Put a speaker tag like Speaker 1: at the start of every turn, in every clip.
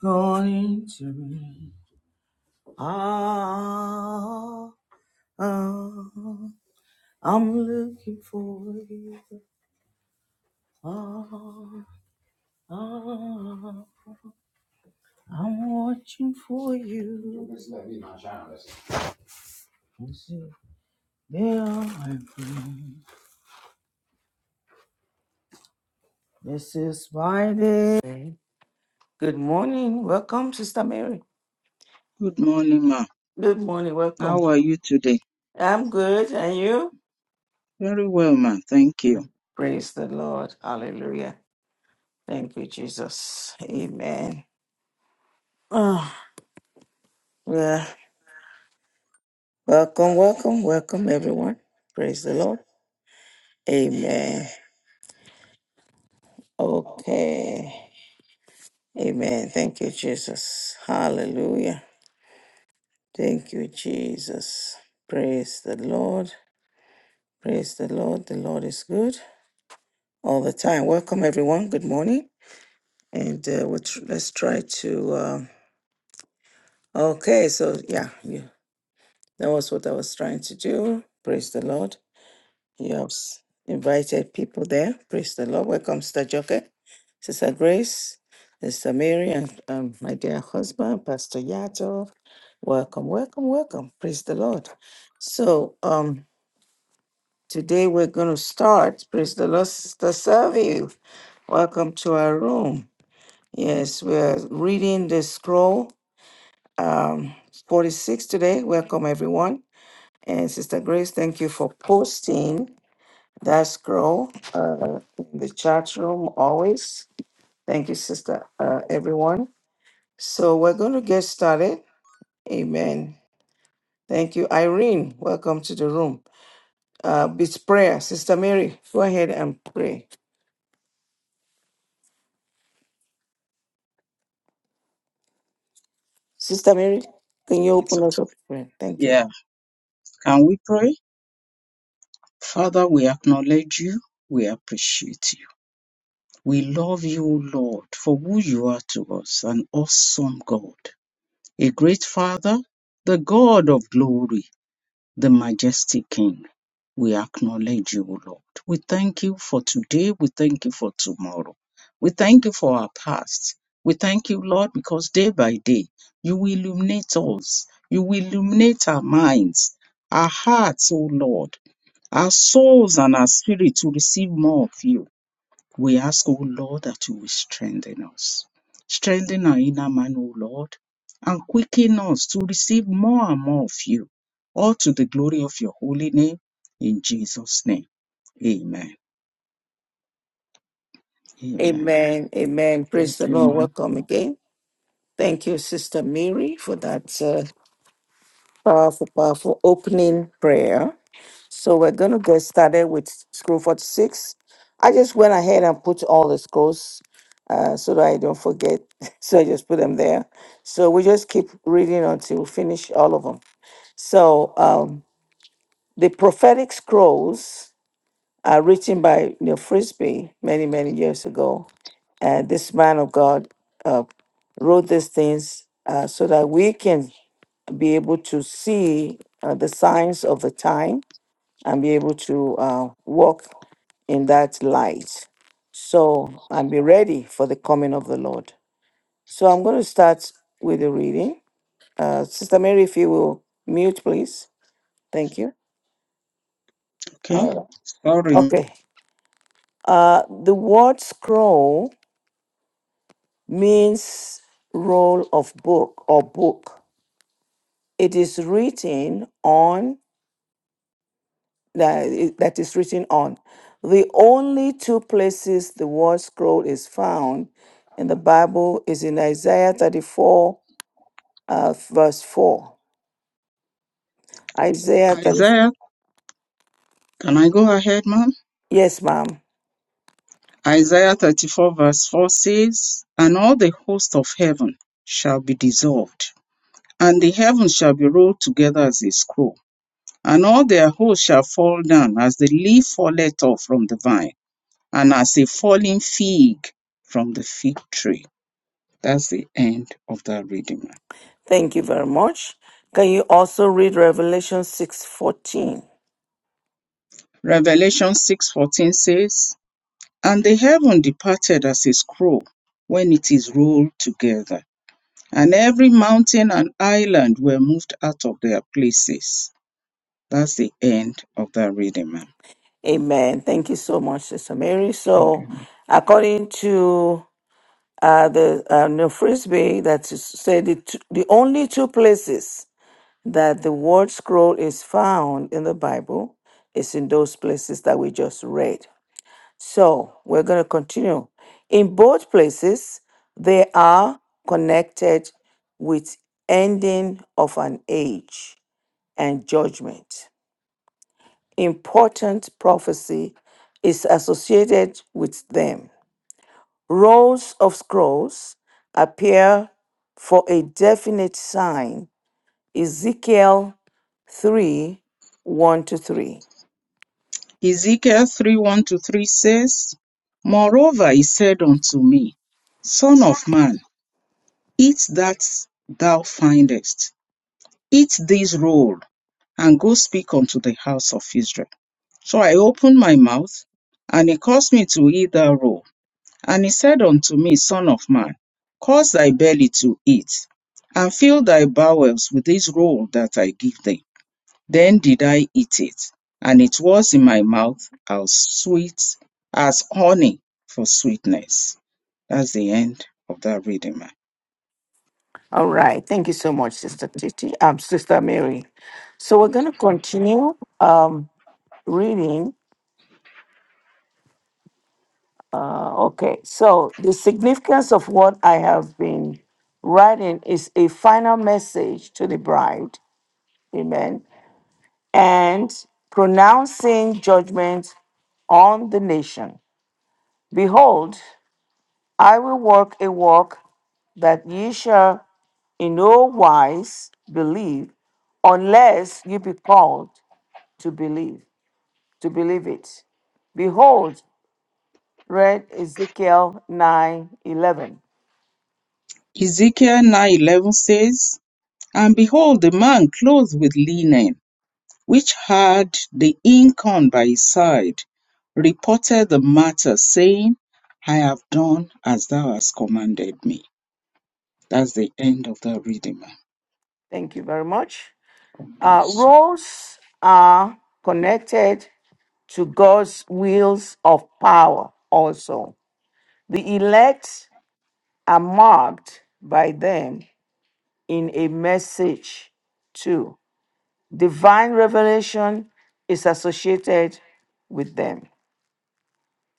Speaker 1: going to rain. Ah, ah, I'm looking for you. Ah, ah, I'm watching for you. There I am. This is my day. Good morning. Welcome, Sister Mary.
Speaker 2: Good morning, ma.
Speaker 1: Good morning. Welcome.
Speaker 2: How are you today?
Speaker 1: I'm good. And you?
Speaker 2: Very well, ma. Thank you.
Speaker 1: Praise the Lord. Hallelujah. Thank you, Jesus. Amen. Ah. yeah. Welcome, welcome, welcome, everyone. Praise the Lord. Amen. Okay. Amen. Thank you, Jesus. Hallelujah. Thank you, Jesus. Praise the Lord. Praise the Lord. The Lord is good all the time. Welcome, everyone. Good morning. And uh, we'll tr- let's try to. Um, okay. So, yeah, yeah, that was what I was trying to do. Praise the Lord. You have s- invited people there. Praise the Lord. Welcome, Sister Joke, Sister Grace, Sister Mary, and um, my dear husband, Pastor Yato. Welcome, welcome, welcome. Praise the Lord. So, um, today we're going to start. Praise the Lord, Sister Savi. Welcome to our room. Yes, we're reading the scroll um, 46 today. Welcome, everyone. And Sister Grace, thank you for posting. That's girl uh, in the chat room always. Thank you, sister, uh, everyone. So we're going to get started. Amen. Thank you, Irene. Welcome to the room. Uh, it's prayer, Sister Mary. Go ahead and pray. Sister Mary, can you
Speaker 2: It's
Speaker 1: open us
Speaker 2: okay.
Speaker 1: up? in prayer? Thank you.
Speaker 2: Yeah. Can we pray? Father, we acknowledge you. We appreciate you. We love you, Lord, for who you are to us, an awesome God, a great Father, the God of glory. the majestic King. We acknowledge you, O Lord. We thank you for today. We thank you for tomorrow. We thank you for our past. We thank you, Lord, because day by day you will illuminate us. You will illuminate our minds, our hearts, O Lord, our souls, and our spirit to receive more of you. We ask, O Lord, that you will strengthen us. Strengthen our inner man, O Lord, and quicken us to receive more and more of you, all to the glory of your holy name. In Jesus' name, amen. Amen.
Speaker 1: Amen. Amen. Praise
Speaker 2: Thank
Speaker 1: the
Speaker 2: you,
Speaker 1: Lord.
Speaker 2: ma'am.
Speaker 1: Welcome again. Thank you, Sister Mary, for that uh, powerful, powerful opening prayer. So we're going to get started with scroll 46. I just went ahead and put all the scrolls uh, so that I don't forget. So I just put them there. So we just keep reading until we finish all of them. So um, the prophetic scrolls are written by Neil Frisbee many, many years ago. And this man of God uh, wrote these things uh, so that we can be able to see uh, the signs of the time and be able to uh, walk in that light. So, and be ready for the coming of the Lord. So, I'm going to start with the reading. Uh, Sister Mary, if you will mute, please. Thank you.
Speaker 2: Okay,
Speaker 1: All right.
Speaker 2: sorry.
Speaker 1: Okay. Uh, the word scroll means roll of book or book. It is written on that is that is written on. The only two places the word scroll is found in the Bible is in Isaiah 34 uh, verse 4. Isaiah, thir-
Speaker 2: Isaiah, can I go ahead, ma'am?
Speaker 1: yes, ma'am.
Speaker 2: Isaiah 34, verse 4 says, And all the host of heaven shall be dissolved, and the heavens shall be rolled together as a scroll and all their hosts shall fall down as the leaf falleth off from the vine, and as a falling fig from the fig tree. That's the end of that reading.
Speaker 1: Thank you very much. Can you also read Revelation 6:14?
Speaker 2: Revelation 6:14 says, And the heaven departed as a scroll when it is rolled together, and every mountain and island were moved out of their places. That's the end of that reading, ma'am.
Speaker 1: Amen. Thank you so much, Sister Mary.
Speaker 2: Thank you.
Speaker 1: So, according to uh, the uh, New Frisbee, that is said the, two, the only two places that the word scroll is found in the Bible is in those places that we just read. So we're going to continue. In both places, they are connected with ending of an age and judgment. Important prophecy is associated with them. Rolls of scrolls appear for a definite sign. Ezekiel 3 1 to 3.
Speaker 2: Ezekiel 3 1 to 3 says, Moreover, he said unto me, Son of man, eat that thou findest, eat this roll, and go speak unto the house of Israel. So I opened my mouth, and he caused me to eat that roll. And he said unto me, Son of man, cause thy belly to eat, and fill thy bowels with this roll that I give thee. Then did I eat it, and it was in my mouth as sweet as honey for sweetness. That's the end of that reading, man.
Speaker 1: All right. Thank you so much, Sister Titi. Um, Sister Mary. So we're going to continue um, reading. Uh, okay, so the significance of what I have been writing is a final message to the bride, amen, and pronouncing judgment on the nation. Behold, I will work a work that ye shall in no wise believe, unless you be called to believe, to believe it. Behold, read Ezekiel 9:11.
Speaker 2: Ezekiel 9:11 says, And behold, the man clothed with linen, which had the inkhorn by his side, reported the matter, saying, I have done as thou hast commanded me. That's the end of that reading, man.
Speaker 1: Thank you very much.
Speaker 2: God
Speaker 1: Uh,
Speaker 2: bless you.
Speaker 1: roles are connected to God's wheels of power also. The elect are marked by them in a message too. Divine revelation is associated with them.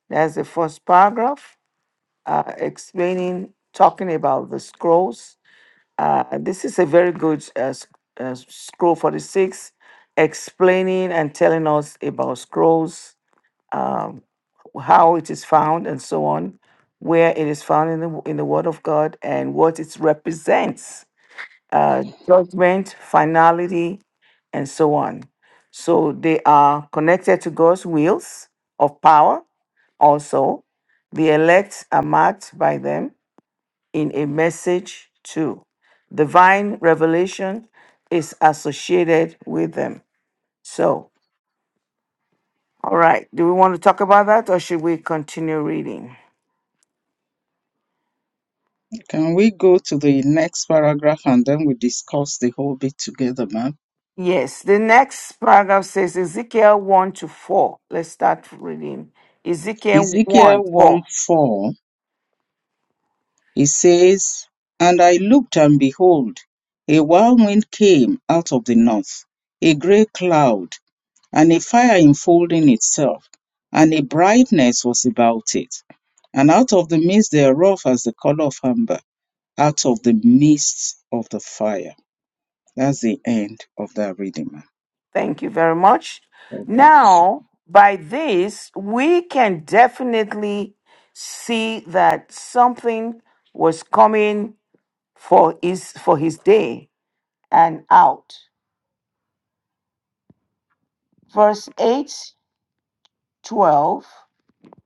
Speaker 1: That's the first paragraph uh, explaining, talking about the scrolls Uh, this is a very good uh, s- uh, scroll 46, explaining and telling us about scrolls, um, how it is found, and so on, where it is found in the, in the Word of God and what it represents uh, judgment, finality, and so on. So they are connected to God's wheels of power also. The elect are marked by them in a message too. Divine revelation is associated with them. So, all right, do we want to talk about that or should we continue reading?
Speaker 2: Can we go to the next paragraph and then we discuss the whole bit together, ma'am?
Speaker 1: Yes, the next paragraph says Ezekiel 1 to 4. Let's start reading. Ezekiel
Speaker 2: Ezekiel
Speaker 1: 1 4.
Speaker 2: 1 4, it says, And I looked and behold, a wild wind came out of the north, a grey cloud, and a fire enfolding itself, and a brightness was about it. And out of the midst thereof as the color of amber, out of the midst of the fire. That's the end of that reading, ma'am.
Speaker 1: Thank you very much.
Speaker 2: God bless. you.
Speaker 1: Now, by this, we can definitely see that something was coming for his for his day and out. Verse 8, 12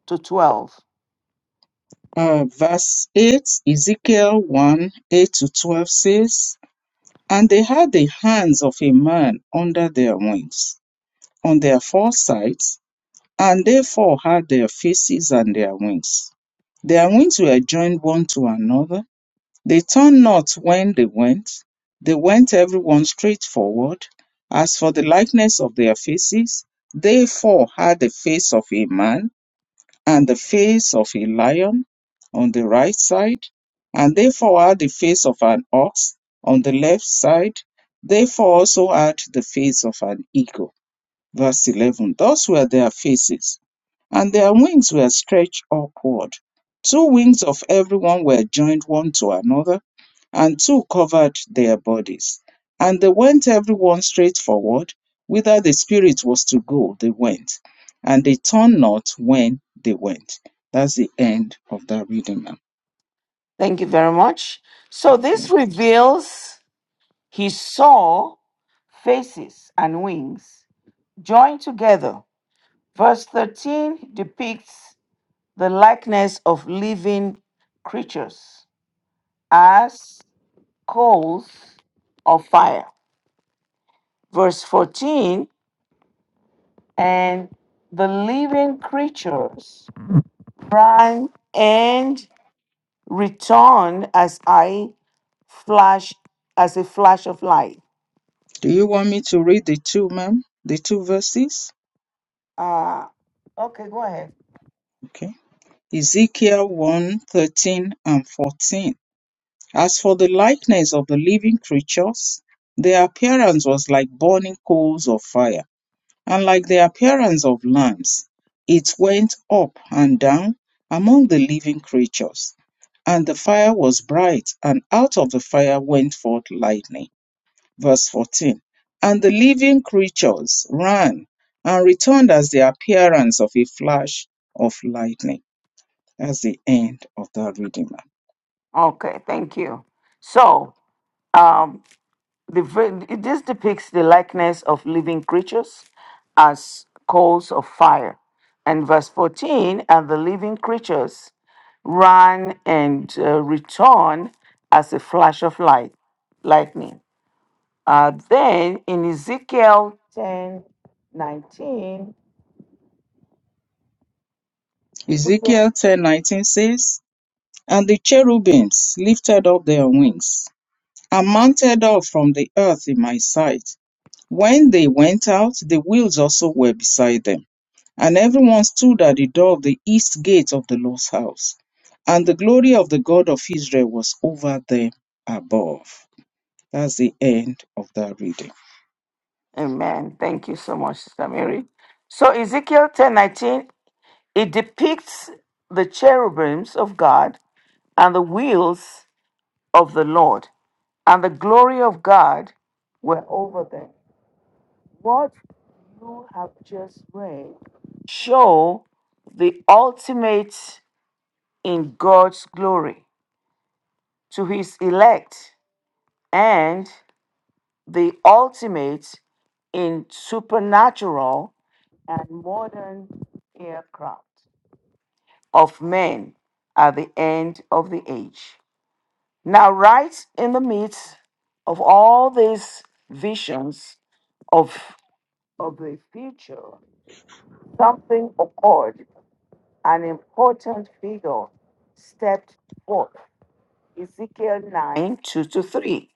Speaker 1: to 12.
Speaker 2: Uh, verse 8, Ezekiel 1 8 to 12 says, And they had the hands of a man under their wings, on their four sides, and they four had their faces and their wings. Their wings were joined one to another. They turned not when they went. They went everyone straight forward. As for the likeness of their faces, they four had the face of a man and the face of a lion on the right side, and therefore had the face of an ox on the left side, therefore also had the face of an eagle. Verse 11 Those were their faces, and their wings were stretched upward. Two wings of everyone were joined one to another, and two covered their bodies. And they went everyone straight forward, whither the Spirit was to go, they went. And they turned not when they went. That's the end of that reading, ma'am.
Speaker 1: Thank you very much. So this
Speaker 2: Please.
Speaker 1: reveals he saw faces and wings joined together. Verse 13 depicts the likeness of living creatures as coals of fire. Verse 14, and the living creatures ran and return as I flash as a flash of light.
Speaker 2: Do you want me to read the two, ma'am? The two verses?
Speaker 1: Uh, okay, go ahead.
Speaker 2: Okay. Ezekiel one thirteen and 14. As for the likeness of the living creatures, their appearance was like burning coals of fire, and like the appearance of lamps. It went up and down among the living creatures, and the fire was bright, and out of the fire went forth lightning. Verse 14. And the living creatures ran and returned as the appearance of a flash of lightning. That's the end of that reading. ma'am.
Speaker 1: Okay, thank you. So, um, the ver- it- this depicts the likeness of living creatures as coals of fire. And verse 14, and the living creatures ran and uh, return as a flash of light, lightning. Uh, then in Ezekiel ten nineteen,
Speaker 2: Ezekiel ten nineteen says, And the cherubims lifted up their wings and mounted up from the earth in my sight. When they went out, the wheels also were beside them. And everyone stood at the door of the east gate of the Lord's house. And the glory of the God of Israel was over them above. That's the end of that reading.
Speaker 1: Amen. Thank you so much, Sister Mary. So Ezekiel 10:19, it depicts the cherubims of God and the wheels of the Lord, and the glory of God were over them. What you have just read show the ultimate in God's glory to his elect and the ultimate in supernatural and modern aircraft of men at the end of the age. Now, right in the midst of all these visions of, of the future, something occurred. An important figure stepped forth. Ezekiel 9 2 to 3.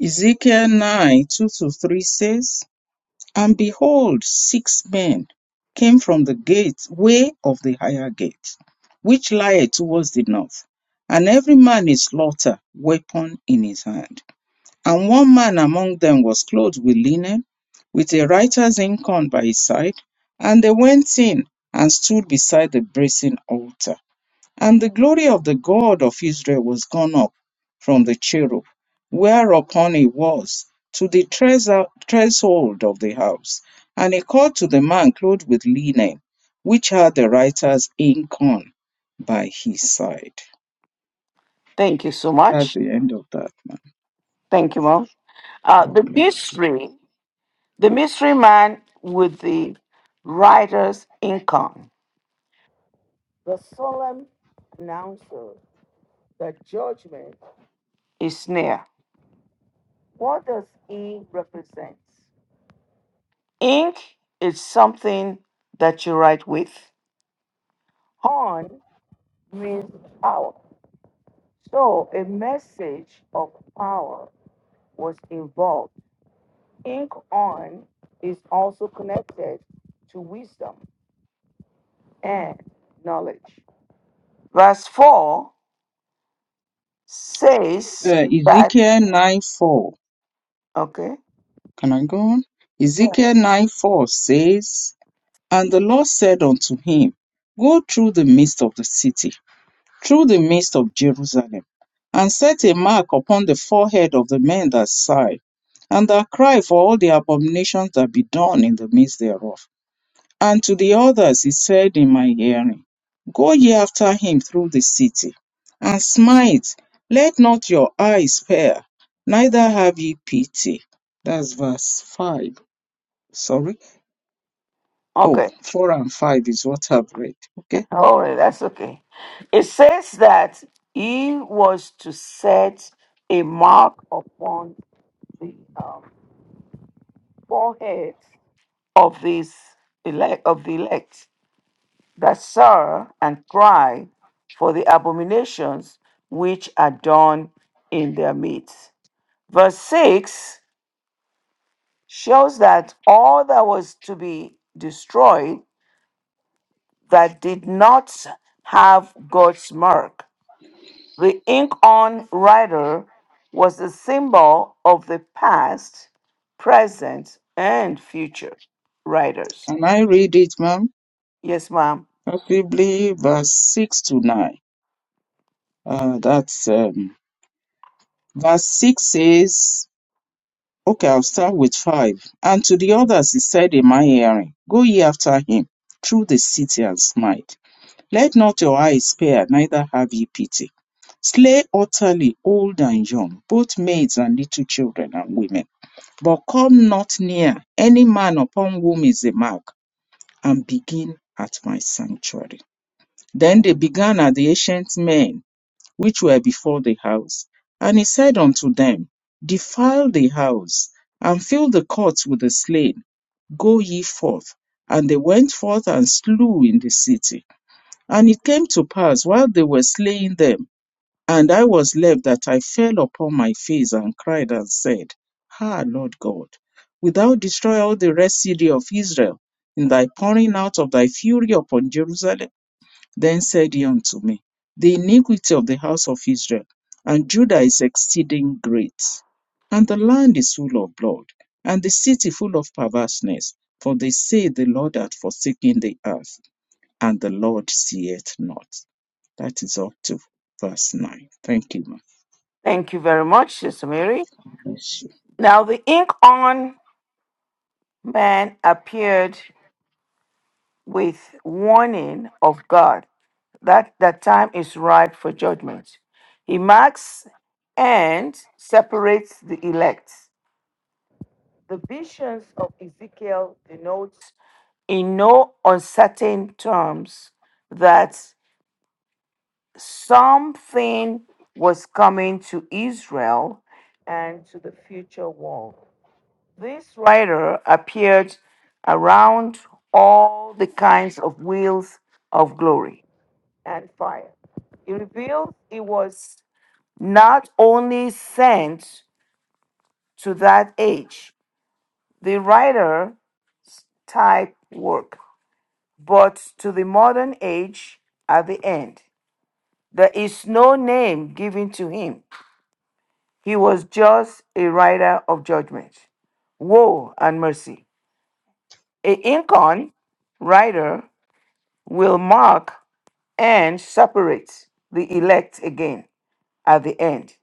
Speaker 2: Ezekiel 9 2 to 3 says, And behold, six men came from the gate, way of the higher gate, which lieth towards the north. And every man his slaughter, weapon in his hand. And one man among them was clothed with linen, with a writer's inkhorn by his side. And they went in and stood beside the brazen altar. And the glory of the God of Israel was gone up from the cherub, whereupon he was, to the thres- threshold of the house. And he called to the man clothed with linen, which had the writer's ink on, by his side.
Speaker 1: Thank you so
Speaker 2: That's
Speaker 1: much.
Speaker 2: the end of that, man.
Speaker 1: Thank you, Mom. Uh, the
Speaker 2: God bless you.
Speaker 1: mystery, the mystery man with the writer's income. the solemn announcer, that judgment. is near. What does E represent? Ink is something that you write with. Horn means power. So a message of power was involved. Ink on is also connected to wisdom and knowledge. Verse 4 says
Speaker 2: Uh,
Speaker 1: that,
Speaker 2: Ezekiel 9 4.
Speaker 1: okay,
Speaker 2: Can I go on?
Speaker 1: Right.
Speaker 2: Ezekiel 9 4 says, And the Lord said unto him, Go through the midst of the city through the midst of Jerusalem, and set a mark upon the forehead of the men that sigh, and that cry for all the abominations that be done in the midst thereof. And to the others he said in my hearing, Go ye after him through the city, and smite, let not your eyes spare, neither have ye pity. That's verse 5. Sorry. oh
Speaker 1: okay,
Speaker 2: 4 and 5 is what I've read. Okay.
Speaker 1: All right, that's okay. It says that he was to set a mark upon the um, forehead of these elect of the elect that sorrow and cry for the abominations which are done in their midst. Verse 6 shows that all that was to be destroyed that did not have God's mark The ink on rider was a symbol of the past, present, and future writers.
Speaker 2: And I read it, ma'am,
Speaker 1: Yes, ma'am.
Speaker 2: possibly verse 6 to 9. Uh, that's um, verse 6 says, okay, I'll start with 5. And to the others he said in my hearing, Go ye after him through the city and smite. Let not your eyes spare, neither have ye pity. Slay utterly old and young, both maids and little children and women. But come not near any man upon whom is the mark, and begin at my sanctuary. Then they
Speaker 1: Mhm.
Speaker 2: began at the ancient men which were before the house. And he said unto them, Defile the house, and fill the courts with the slain. Go ye forth. And they went forth and slew in the city. And it came to pass while they were slaying them, and I was left, that I fell upon my face and cried and said, Ah, Lord God, wilt thou destroy all the rest city of Israel in thy pouring out of thy fury upon Jerusalem? Then said he unto me, The iniquity of the house of Israel and Judah is exceeding great, and the land is full of blood, and the city full of perverseness. For they say the Lord hath forsaken the earth, and the Lord seeth not. That is up to verse 9. Thank you, ma.
Speaker 1: Thank you very much, Sister Mary.
Speaker 2: Bless you.
Speaker 1: Now, the ink on man appeared with warning of God that the time is ripe for judgment. He marks and separates the elect. The visions of Ezekiel denotes in no uncertain terms that something was coming to Israel and to the future world. This writer appeared around all the kinds of wheels of glory and fire. It reveals he was not only sent to that age, the writer type work, but to the modern age at the end. There is no name given to him. He was just a writer of judgment, woe, and mercy. A icon writer will mark and separate the elect again at the end.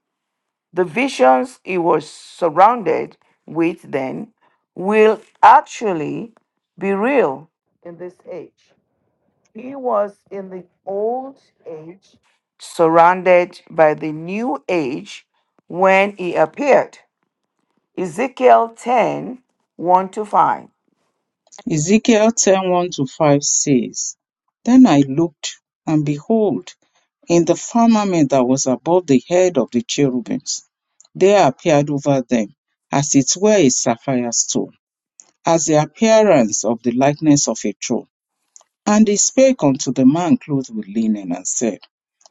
Speaker 1: The visions he was surrounded with then will actually be real in this age. He was in the old age, surrounded by the new age when he appeared. Ezekiel ten one to 5.
Speaker 2: Ezekiel ten one to 5 says, Then I looked, and behold, in the firmament that was above the head of the cherubims, there appeared over them, as it were a sapphire stone, as the appearance of the likeness of a throne. And he spake unto the man clothed with linen, and said,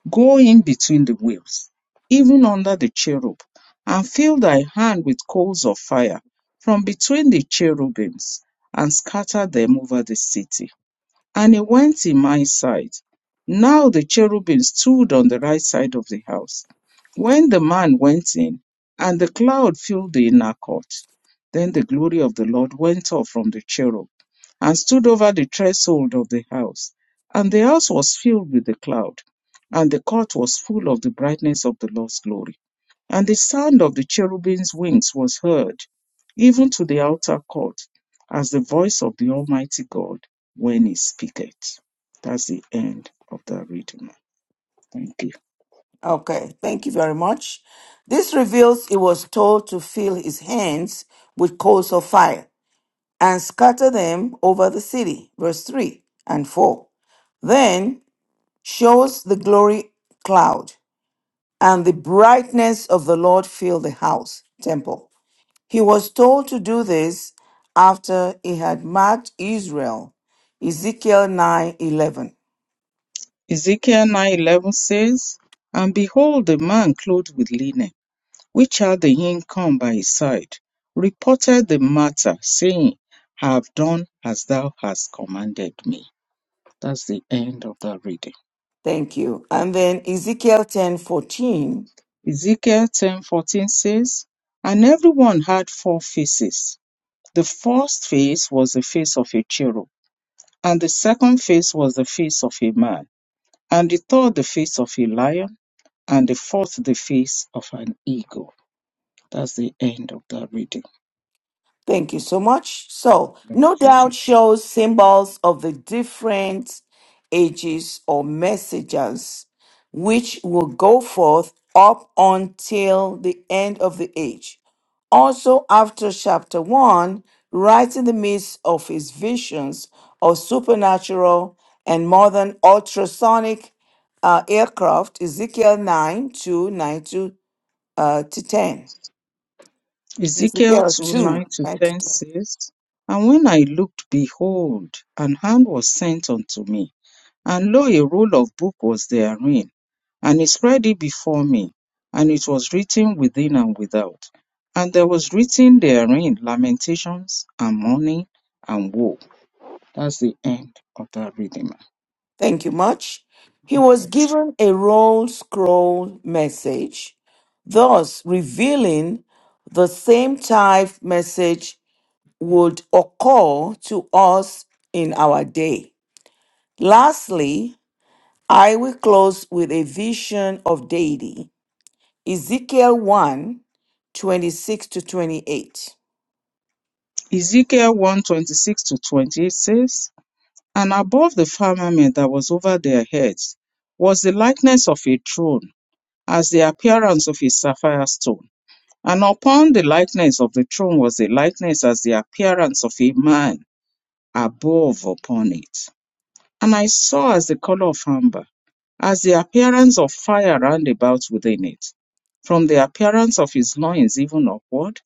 Speaker 2: Go in between the wheels, even under the cherub, and fill thy hand with coals of fire from between the cherubims, and scatter them over the city. And he went in my sight. Now the cherubim stood on the right side of the house. When the man went in, and the cloud filled the inner court, then the glory of the Lord went up from the cherub and stood over the threshold of the house. And the house was filled with the cloud, and the court was full of the brightness of the Lord's glory. And the sound of the cherubim's wings was heard, even to the outer court, as the voice of the Almighty God when he speaketh. That's the end of that reading. Thank you.
Speaker 1: Okay, thank you very much. This reveals he was told to fill his hands with coals of fire and scatter them over the city. Verse 3 and 4. Then shows the glory cloud, and the brightness of the Lord filled the house, temple. He was told to do this after he had marked Israel. Ezekiel 9 11.
Speaker 2: Ezekiel 9:11 says, And behold, a man clothed with linen, which had the income by his side, reported the matter, saying, I have done as thou hast commanded me. That's the end of that reading.
Speaker 1: Thank you. And then Ezekiel ten fourteen.
Speaker 2: Ezekiel 10:14 says, And everyone had four faces. The first face was the face of a cherub, and the second face was the face of a man. and the third the face of a lion, and the fourth the face of an eagle. That's the end of that reading.
Speaker 1: Thank you so much. So,
Speaker 2: Bless
Speaker 1: no
Speaker 2: you, ma'am.
Speaker 1: doubt shows symbols of the different ages or messages which will go forth up until the end of the age. Also, after chapter 1, right in the midst of his visions of supernatural and modern ultrasonic uh, aircraft, Ezekiel 9 two, nine to, uh, to 10.
Speaker 2: Ezekiel
Speaker 1: Ezekiel
Speaker 2: 2
Speaker 1: 2,
Speaker 2: 9 to
Speaker 1: 9
Speaker 2: 10
Speaker 1: to 10.
Speaker 2: says, And when I looked, behold, an hand was sent unto me, and lo, a roll of book was therein, and he spread it before me, and it was written within and without. And there was written therein lamentations and mourning and woe. That's the end of that reading, ma'am.
Speaker 1: Thank you much. He
Speaker 2: God
Speaker 1: was
Speaker 2: bless you.
Speaker 1: given a roll scroll message, thus revealing the same type message would occur to us in our day. Lastly, I will close with a vision of deity. Ezekiel one 26 to 28.
Speaker 2: Ezekiel one twenty six to 28 says, And above the firmament that was over their heads was the likeness of a throne, as the appearance of a sapphire stone. And upon the likeness of the throne was the likeness as the appearance of a man above upon it. And I saw as the color of amber, as the appearance of fire round about within it, from the appearance of his loins even upward,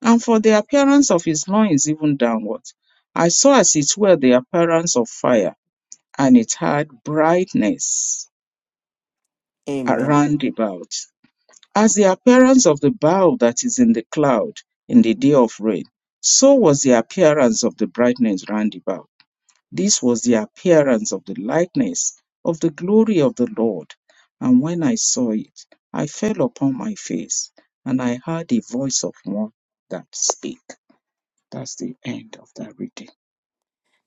Speaker 2: and for the appearance of his loins even downward. I saw as it were the appearance of fire, and it had brightness
Speaker 1: Amen.
Speaker 2: around about. As the appearance of the bow that is in the cloud in the day of rain, so was the appearance of the brightness round about. This was the appearance of the likeness of the glory of the Lord. And when I saw it, I fell upon my face, and I heard a voice of one that spake. That's the end of that reading.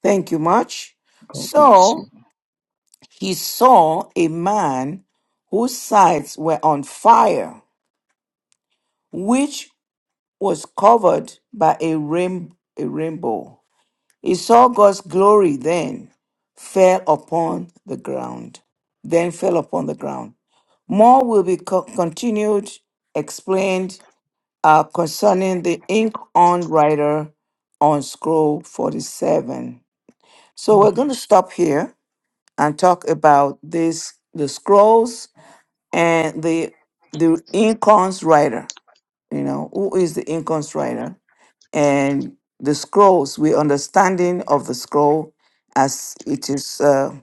Speaker 1: Thank you much.
Speaker 2: God bless you.
Speaker 1: So he saw a man whose sides were on fire, which was covered by a, rain, a rainbow. He saw God's glory then, fell upon the ground, then fell upon the ground. More will be co- continued, explained uh, concerning the ink on writer on scroll 47. So
Speaker 2: Hmm.
Speaker 1: we're going to stop here and talk about this the scrolls and the the ink on writer. You know, who is the ink on writer? and the scrolls, we understanding of the scroll as it is uh,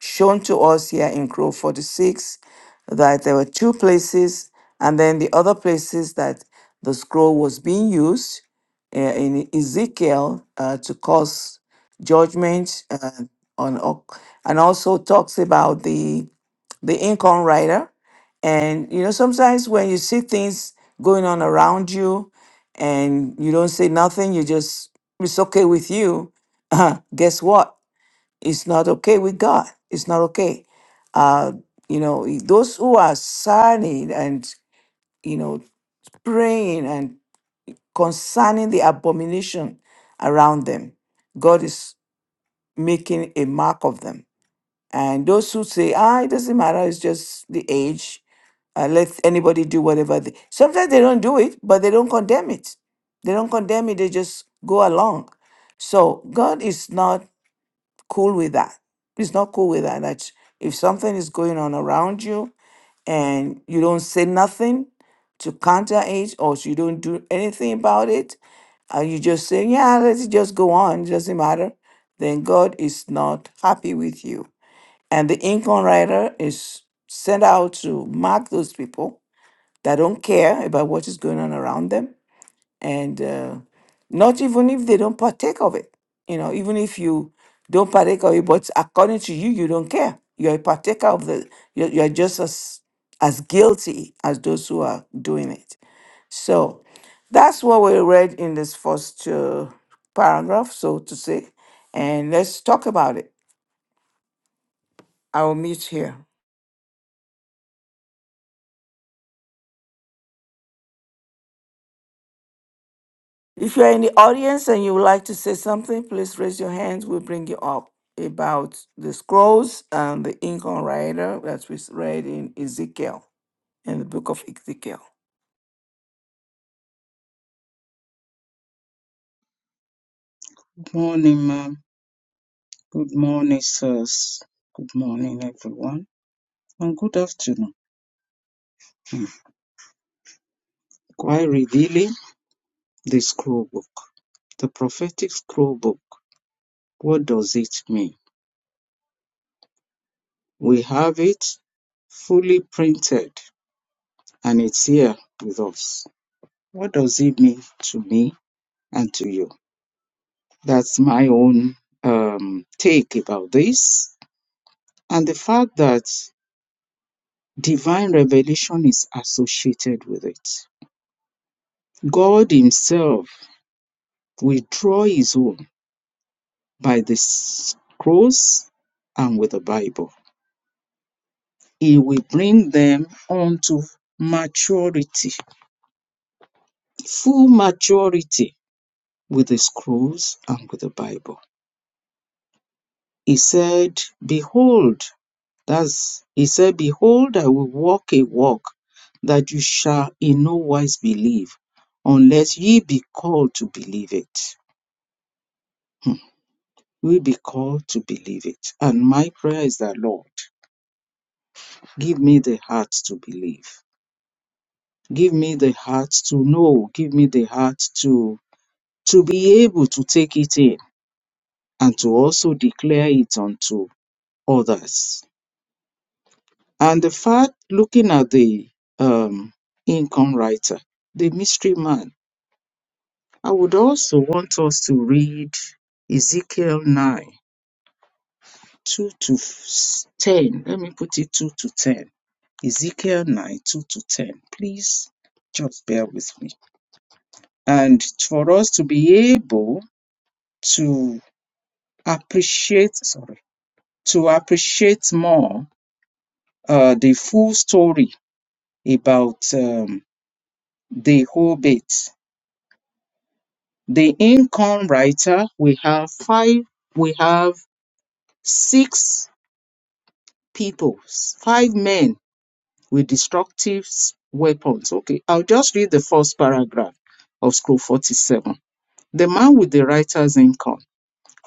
Speaker 1: shown to us here in Crow 46, that there were two places, and then the other places that the scroll was being used uh, in Ezekiel uh, to cause judgment uh, on, Oc- and also talks about the income writer. And you know, sometimes when you see things going on around you and you don't say nothing, you just it's okay with you. guess what? It's not okay with God. It's not okay. Uh, you know, i- those who are signing and you know praying and concerning the abomination around them, God is making a mark of them. And those who say, ah, it doesn't matter, it's just the age, uh, let anybody do whatever they sometimes they don't do it but they don't condemn it they don't condemn it they just go along so god is not cool with that he's not cool with that that if something is going on around you and you don't say nothing to counter it or you don't do anything about it and you just say yeah let us just go on it doesn't matter then god is not happy with you and the income writer is sent out to mark those people that don't care about what is going on around them and uh, not even if they don't partake of it you know even if you don't partake of it but according to you you don't care you're a partaker of the you're, you're just as as guilty as those who are doing it so that's what we read in this first uh, paragraph so to say and let's talk about it i'll meet here If you are in the audience and you would like to say something, please raise your hands. We'll bring you up about the scrolls and the ink on rider that we read in Ezekiel, in the book of Ezekiel.
Speaker 2: Good morning, ma'am. Good morning, sirs. Good morning, everyone. And good afternoon. Why revealing the scroll book? The prophetic scroll book. What does it mean? We have it fully printed and it's here with us. What does it mean to me and to you? That's my own um, take about this. And the fact that divine revelation is associated with it. God Himself withdraw His own by the s- cross and with the Bible. He will bring them unto maturity, full maturity with the scrolls and with the Bible. He said, Behold, That's he said, Behold, I will walk a walk that you shall in no wise believe, unless ye be called to believe it. We be called to believe it. And my prayer is that, Lord, give me the heart to believe. Give me the heart to know. Give me the heart to to be able to take it in and to also declare it unto others. And the fact, looking at the um, income writer, the mystery man, I would also want us to read Ezekiel 9, 2 to f- 10. Let me put it 2 to 10. Ezekiel 9, 2 to 10. Please just bear with me. And for us to be able to appreciate, sorry, to appreciate more uh, the full story about um, the Hobbit. The Incon writer, we have five, we have six people, five men with destructive weapons. Okay, I'll just read the first paragraph of scroll 47. The man with the writer's income,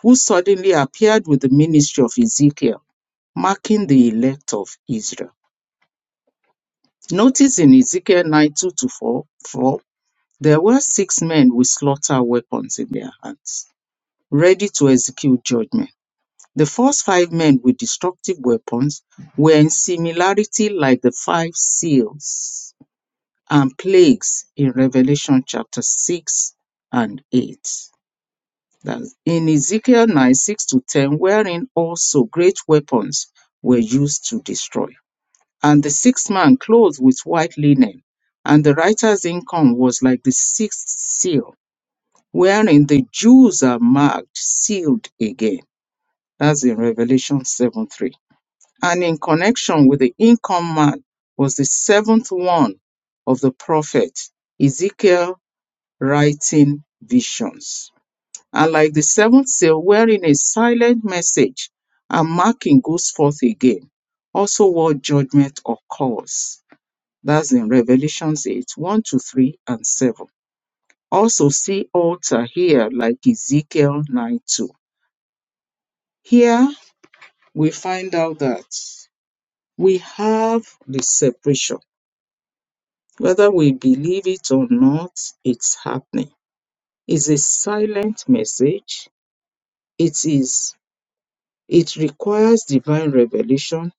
Speaker 2: who suddenly appeared with the ministry of Ezekiel, marking the elect of Israel. Notice in Ezekiel 9 2 to 4, 4, there were six men with slaughter weapons in their hands, ready to execute judgment. The first five men with destructive weapons were in similarity like the five seals and plagues in Revelation chapter 6 and 8. That's in Ezekiel 9 6 to 10, wherein also great weapons were used to destroy. And the sixth man clothed with white linen, and the writer's income was like the sixth seal, wherein the Jews are marked, sealed again. That's in Revelation 7 3. And in connection with the income man was the seventh one of the prophet Ezekiel writing visions. And like the seventh seal, wherein a silent message and marking goes forth again. Also, what judgment occurs. That's in Revelations 8 1 to 3 and 7. Also, see altar here, like Ezekiel 9 2. Here we find out that we have the separation. Whether we believe it or not, it's happening. It's a silent message. It is It requires divine revelation.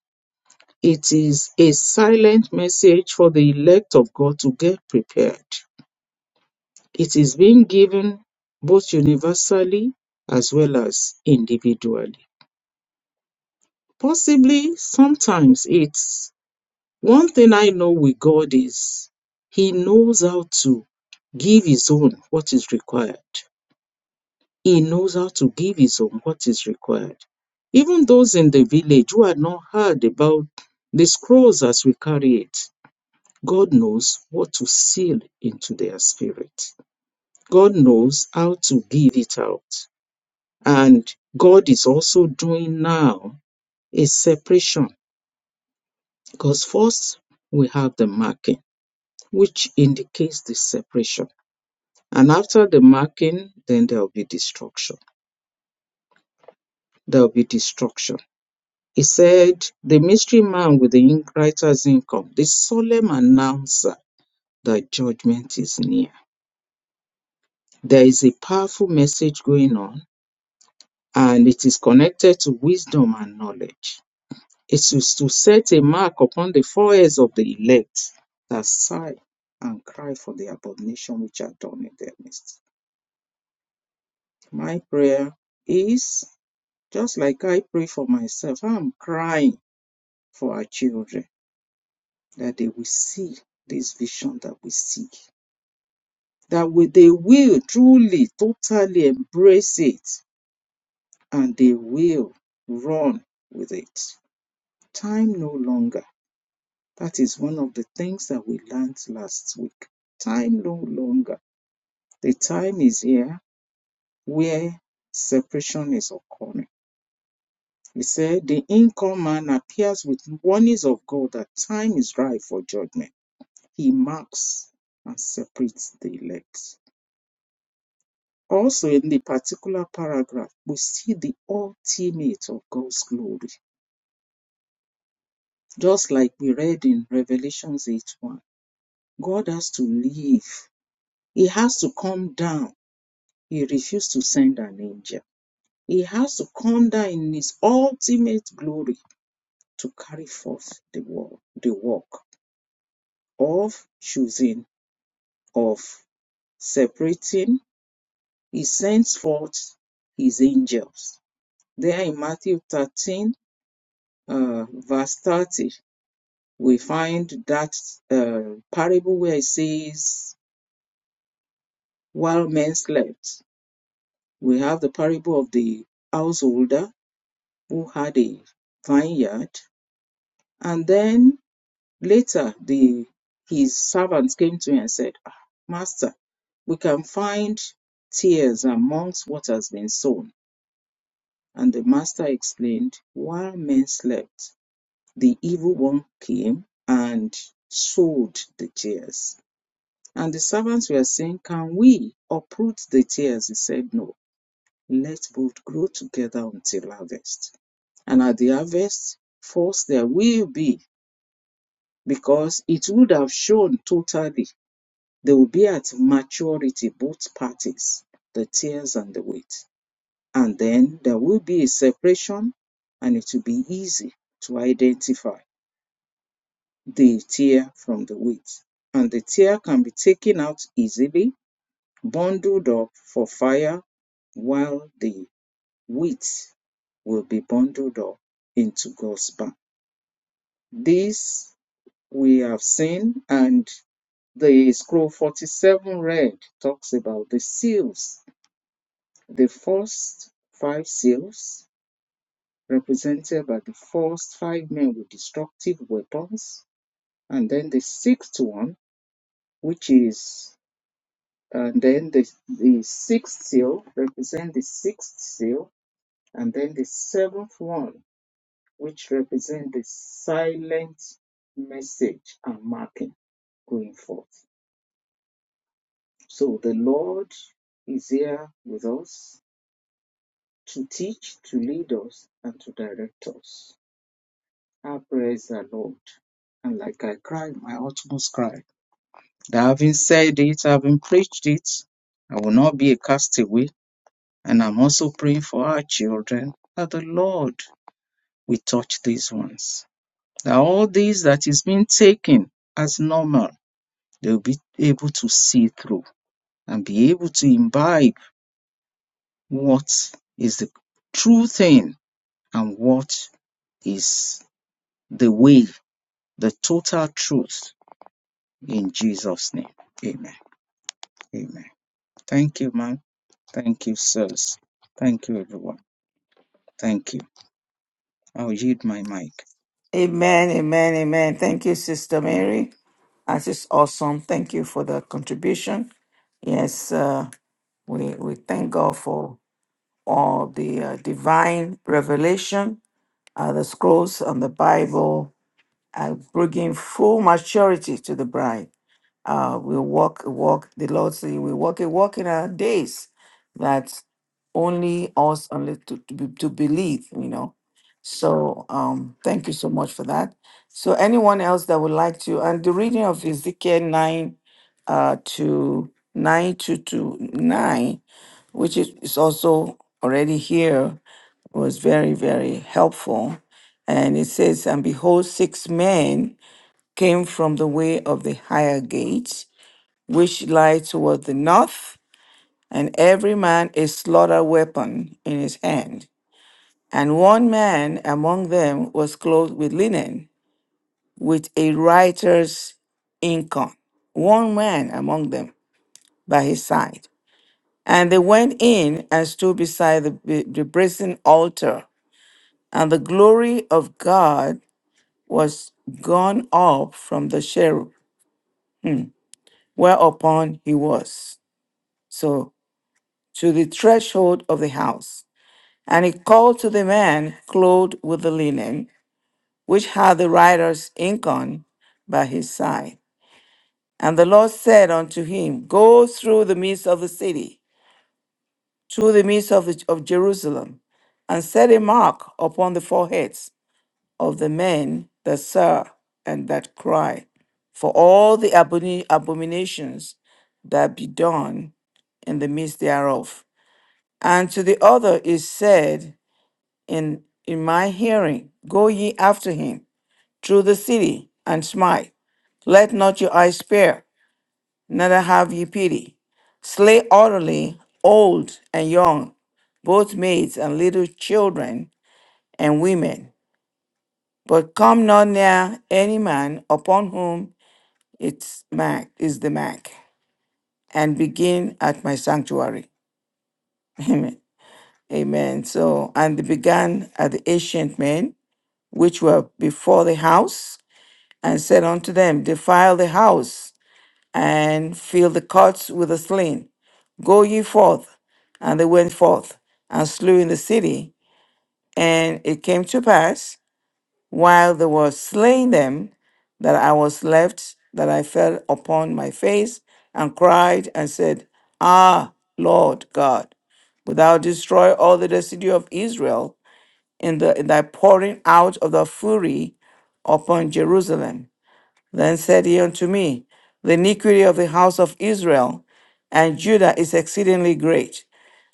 Speaker 2: It is a silent message for the elect of God to get prepared. It is being given both universally as well as individually. Possibly sometimes it's one thing I know with God is He knows how to give His own what is required. He knows how to give his own what is required. Even those in the village who had not heard about the scrolls as we carry it, God knows what to seal into their spirit. God knows how to give it out. And God is also doing now a separation because first we have the marking, which indicates the separation. And after the marking, then there will be destruction. There will be destruction He said, The mystery man with the writer's income, the solemn announcer that judgment is near. There is a powerful message going on, and it is connected to wisdom and knowledge. It is to set a mark upon the foreheads of the elect that sigh and cry for the abomination which are done in their midst. My prayer is just like I pray for myself, I'm crying for our children that they will see this vision that we seek, that we, they will truly, totally embrace it, and they will run with it. Time no longer. That is one of the things that we learned last week. Time no longer. The time is here where separation is occurring. He said, The income man appears with warnings of God that time is ripe for judgment. He marks and separates the elect. Also in the particular paragraph, we see the ultimate of God's glory. Just like we read in Revelation 8 1, God has to leave. He has to come down. He refused to send an angel. He has to come down in his ultimate glory to carry forth the work, the work of choosing, of separating. He sends forth his angels. There in Matthew 13, uh, verse 30, we find that uh, parable where it says, while men slept, we have the parable of the householder who had a vineyard. And then later, the his servants came to him and said, "Ah, Master, we can find tears amongst what has been sown. And the master explained, While men slept, the evil one came and sowed the tears. And the servants were saying, Can we uproot the tares? He said, No. Let both grow together until harvest. And at the harvest, first there will be, because it would have shown totally, they will be at maturity, both parties, the tares and the wheat. And then there will be a separation, and it will be easy to identify the tear from the wheat. And the tear can be taken out easily bundled up for fire while the wheat will be bundled up into God's barn. This we have seen, and the scroll 47 read talks about the seals. The first five seals, represented by the first five men with destructive weapons, and then the sixth one, which is, and then the, the sixth seal, represent the sixth seal, And then the seventh one, which represents the silent message and marking going forth. So the Lord is here with us to teach, to lead us, and to direct us. Our praise the Lord. And like I cried, my utmost cry, that having said it, having preached it, I will not be a castaway. And I'm also praying for our children that the Lord will touch these ones that all these that is being taken as normal, they'll be able to see through and be able to imbibe what is the true thing and what is the way, the total truth in Jesus' name. Amen. Amen. Thank you, ma'am. Thank you, sirs. Thank you, everyone. Thank you. I'll yield my mic.
Speaker 1: Amen, amen, amen. Thank you, Sister Mary. That is awesome. Thank you for the contribution. Yes, uh, we, we thank God for all the uh, divine revelation uh, the scrolls on the Bible are bringing full maturity to the bride. Uh, we walk a walk, the Lord say, we walk a walk in our days that only us only to, to, be, to believe, you know. So um, thank you so much for that. So anyone else that would like to, and the reading of Ezekiel 9 uh, to 9 to, to 9, which is, is also already here was very, very helpful. And it says, And behold, six men came from the way of the higher gate, which lie toward the north, and every man a slaughter weapon in his hand. And one man among them was clothed with linen, with a writer's income, one man among them by his side. And they went in and stood beside the, the brazen altar, and the glory of God was gone up from the cherub, hmm, whereupon he was. So to the threshold of the house. And he called to the man clothed with the linen, which had the writer's ink on, by his side. And the Lord said unto him, Go through the midst of the city, through the midst of, the- of Jerusalem, and set a mark upon the foreheads of the men that serve and that cry for all the abomina- abominations that be done in the midst thereof. And to the other is said in, in my hearing, Go ye after him through the city and smite. Let not your eyes spare, neither have ye pity. Slay utterly old and young, both maids and little children and women But come not near any man upon whom its mark is the mark, and begin at my sanctuary. Amen. Amen. So, and they began at the ancient men which were before the house, and said unto them, Defile the house, and fill the courts with the slain. Go ye forth. And they went forth and slew in the city. And it came to pass while they were slaying them, that I was left, that I fell upon my face and cried and said, Ah, Lord God, wilt thou destroy all the residue of Israel in, the, in thy pouring out of the fury upon Jerusalem? Then said he unto me, The iniquity of the house of Israel and Judah is exceedingly great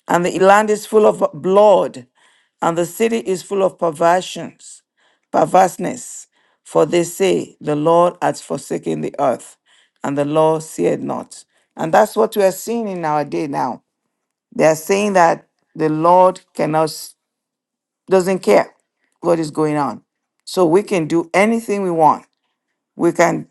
Speaker 1: and the land is full of blood, and the city is full of perversions, perverseness. For they say, The Lord has forsaken the earth, and the Lord seeth not. And that's what we are seeing in our day now. They are saying that the Lord cannot doesn't care what is going on. So we can do anything we want. We can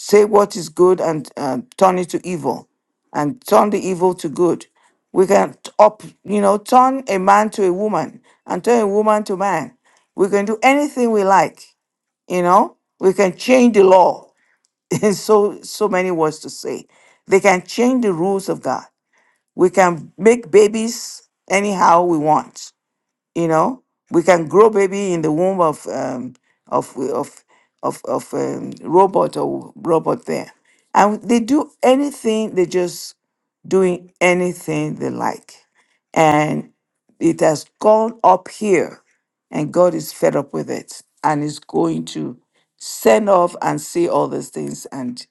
Speaker 1: say what is good and uh, turn it to evil and turn the evil to good we can t- up you know turn a man to a woman and turn a woman to man we can do anything we like you know we can change the law in so so many words to say they can change the rules of god we can make babies anyhow we want you know we can grow baby in the womb of um of of of of um, robot or robot there and they do anything they just doing anything they like and it has gone up here and god is fed up with it and is going to send off and see all these things and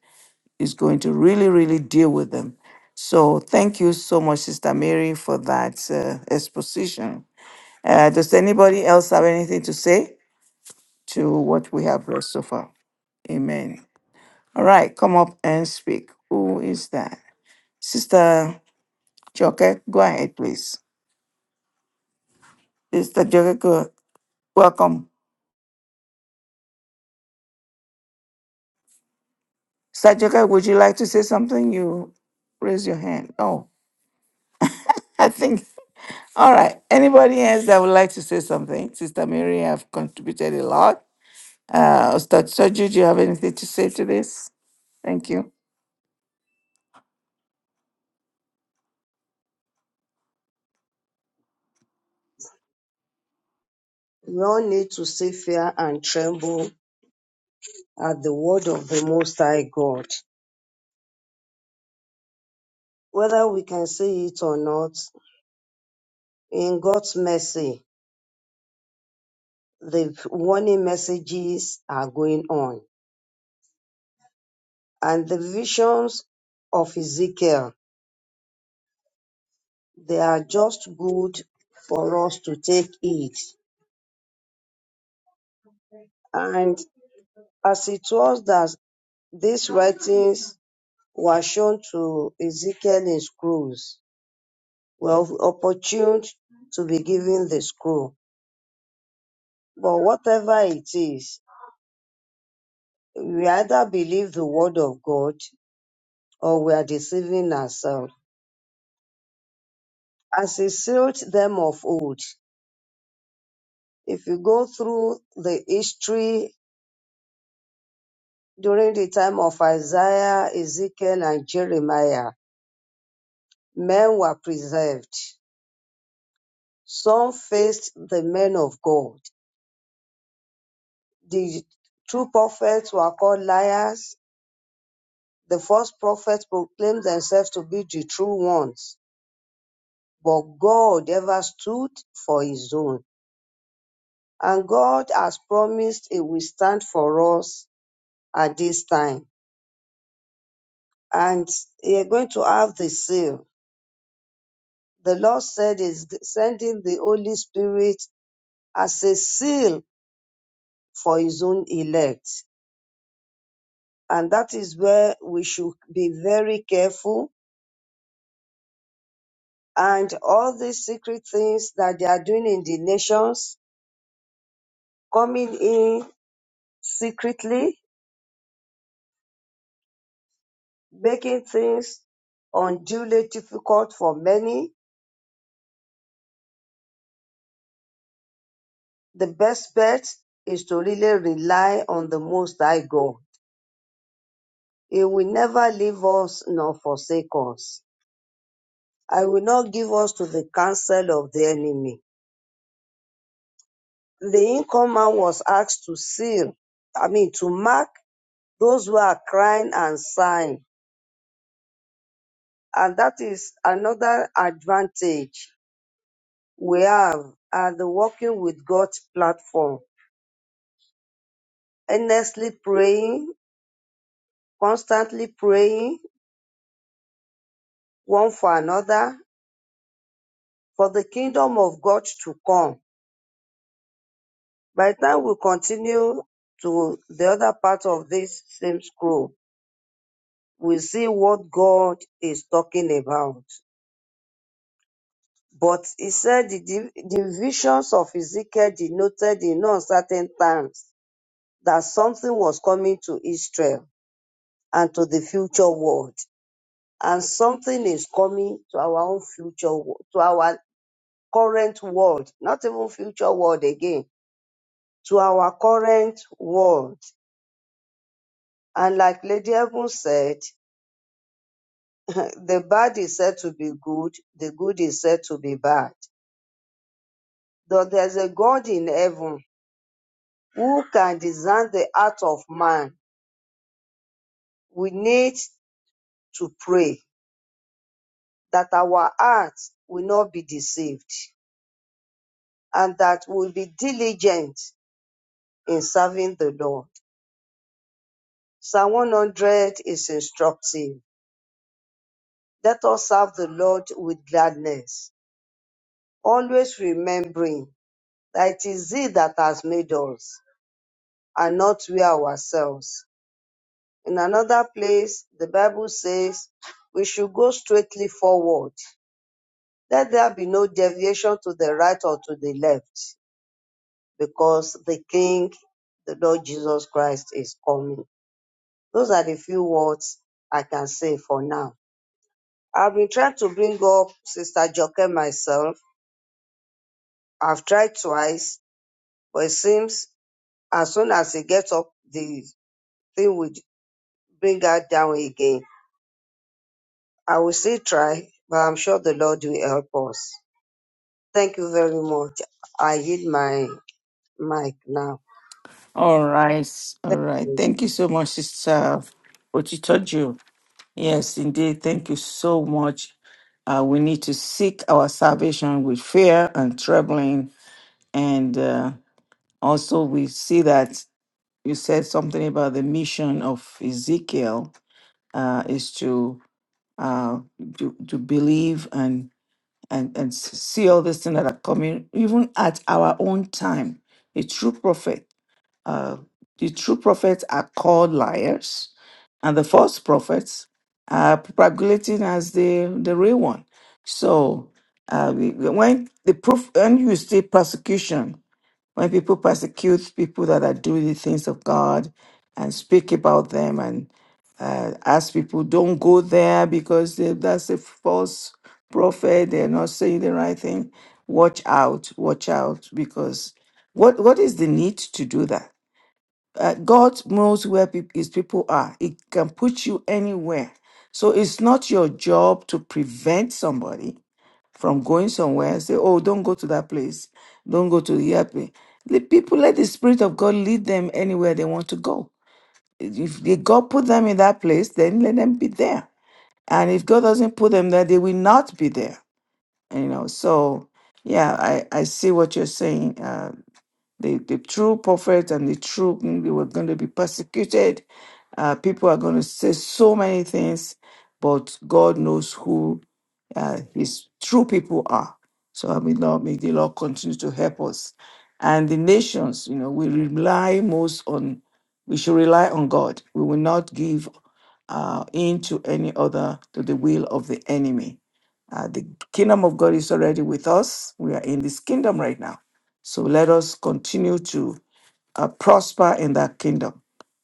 Speaker 1: is going to really really deal with them so thank you so much sister mary for that uh, exposition uh, does anybody else have anything to say to what we have read so far? Amen. All right, come up and speak. Who is that? Sister Joke, go ahead, please. Sister Joke, go- welcome. Sister Joke, would you like to say something? You raise your hand. Oh, I think. All right. Anybody else that would like to say something? Sister Mary, have contributed a lot. Uh, Sister Soju, do you have anything to say to this? Thank you.
Speaker 3: We all need to say fear and tremble at the word of the Most High God. Whether we can say it or not, in God's mercy, the warning messages are going on. And the visions of Ezekiel, they are just good for us to take it. And as it was that these writings were shown to Ezekiel in scrolls, were opportune to be given the scroll But whatever it is, we either believe the word of God or we are deceiving ourselves. As he sealed them of old, if you go through the history during the time of Isaiah, Ezekiel, and Jeremiah, men were preserved. Some faced the men of God. The true prophets were called liars. The false prophets proclaimed themselves to be the true ones But God ever stood for his own. And God has promised he will stand for us at this time. And you're going to have the seal. The Lord said is sending the Holy Spirit as a seal for his own elect. And that is where we should be very careful. And all these secret things that they are doing in the nations, coming in secretly, making things unduly difficult for many, the best bet is to really rely on the Most High God. He will never leave us nor forsake us. I will not give us to the counsel of the enemy. The incumbent was asked to seal, I mean, to mark those who are crying and sighing. And that is another advantage we have at the Working with God platform. Earnestly praying constantly praying one for another for the kingdom of God to come. By the time we continue to the other part of this same scroll, we see what God is talking about. But he said the, div- the visions of Ezekiel denoted in no uncertain terms that something was coming to Israel and to the future world. And something is coming to our own future, wo- to our current world, not even future world again, to our current world. And like Lady Evans said, the bad is said to be good, the good is said to be bad. Though there's a God in heaven who can discern the heart of man, we need to pray that our hearts will not be deceived and that we'll be diligent in serving the Lord. Psalm 100 is instructive Let us serve the Lord with gladness, always remembering that it is He that has made us and not we ourselves. In another place, the Bible says we should go straightly forward. Let there be no deviation to the right or to the left, because the King, the Lord Jesus Christ, is coming. Those are the few words I can say for now. I've been trying to bring up Sister Joke myself. I've tried twice But it seems as soon as he gets up, the thing will bring her down again. I will still try, but I'm sure the Lord will help us. Thank you very much. I yield my mic now.
Speaker 1: All right, all
Speaker 3: Thank you.
Speaker 1: right. Thank you so much, Sister Ochitoju. Yes, indeed. Thank you so much. Uh, we need to seek our salvation with fear and trembling, and uh, also we see that you said something about the mission of Ezekiel uh, is to uh, to, to believe and and and see all these things that are coming, even at our own time. A true prophet uh, the true prophets are called liars, and the false prophets are propagating as the, the real one. So uh, we- when the proof, when you see persecution, when people persecute people that are doing the things of God and speak about them and uh, ask people, don't go there because they, that's a false prophet. They're not saying the right thing. Watch out, watch out, because what what is the need to do that? uh, God knows where peop his people are. He can put you anywhere. So it's not your job to prevent somebody from going somewhere and say, oh, don't go to that place. Don't go to the airplane. The people let the Spirit of God lead them anywhere they want to go. If they- God put them in that place, then let them be there. And if God doesn't put them there, they will not be there. You know, so yeah, I, I see what you're saying, uh, the, the true prophets and the true king, they were going to be persecuted. Uh, people are going to say so many things, but God knows who uh, his true people are. So I mean, Lord, may the Lord continue to help us. And the nations, you know, we rely most on, we should rely on God. We will not give uh, into any other, to the will of the enemy. Uh, the kingdom of God is already with us. We are in this kingdom right now so let us continue to uh, prosper in that kingdom.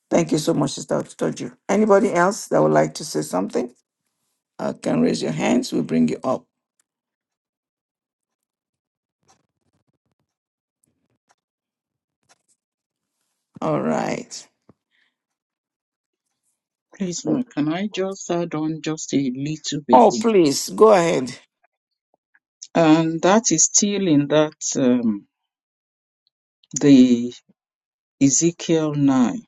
Speaker 1: Thank you so much, Sister Toju. Anybody else that would like to say something? Uh, can raise your hands. We'll bring you up. All right.
Speaker 2: Please, ma'am, can I just add on just a little
Speaker 1: Oh,
Speaker 2: bit?
Speaker 1: please go ahead.
Speaker 2: And that is still in that um, the Ezekiel 9.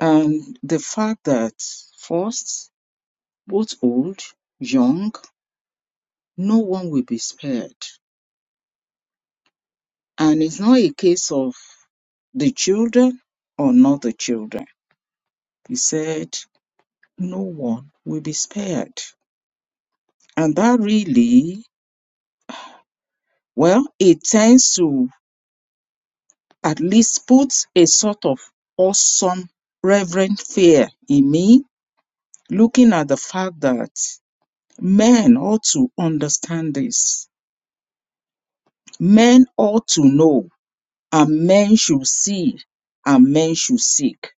Speaker 2: And the fact that first, both old, young, no one will be spared. And it's not a case of the children or not the children. He said, no one will be spared. And that really, well, it tends to at least put a sort of awesome reverent fear in me, looking at the fact that men ought to understand this Men ought to know, and men should see, and men should seek.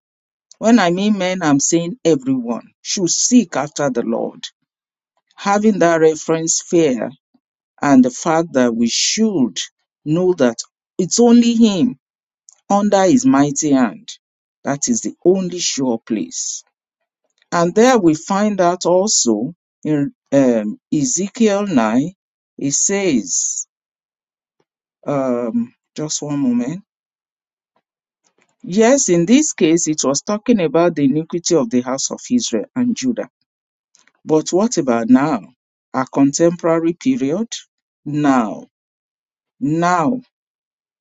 Speaker 2: When I mean men, I'm saying everyone should seek after the Lord. Having that reference fear and the fact that we should know that it's only Him under His mighty hand. That is the only sure place. And there we find out also in um, Ezekiel 9, it says, um, just one moment Yes, in this case, it was talking about the iniquity of the house of Israel and Judah. But what about now? Our contemporary period? Now, now,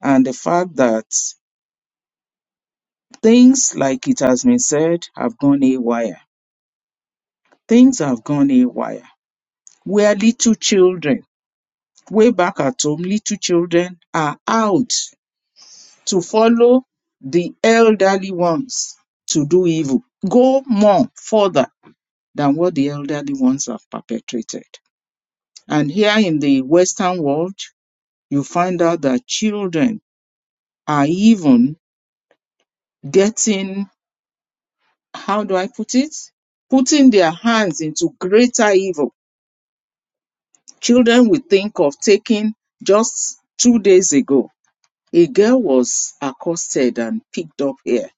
Speaker 2: and the fact that things, like it has been said, have gone haywire. Things have gone haywire. Where little children, way back at home, little children are out to follow the elderly ones to do evil. Go more further than what the elderly ones have perpetrated. And here in the Western world, you find out that children are even getting, how do I put it? Putting their hands into greater evil. Children will think of taking just two days ago. A girl was accosted and picked up here.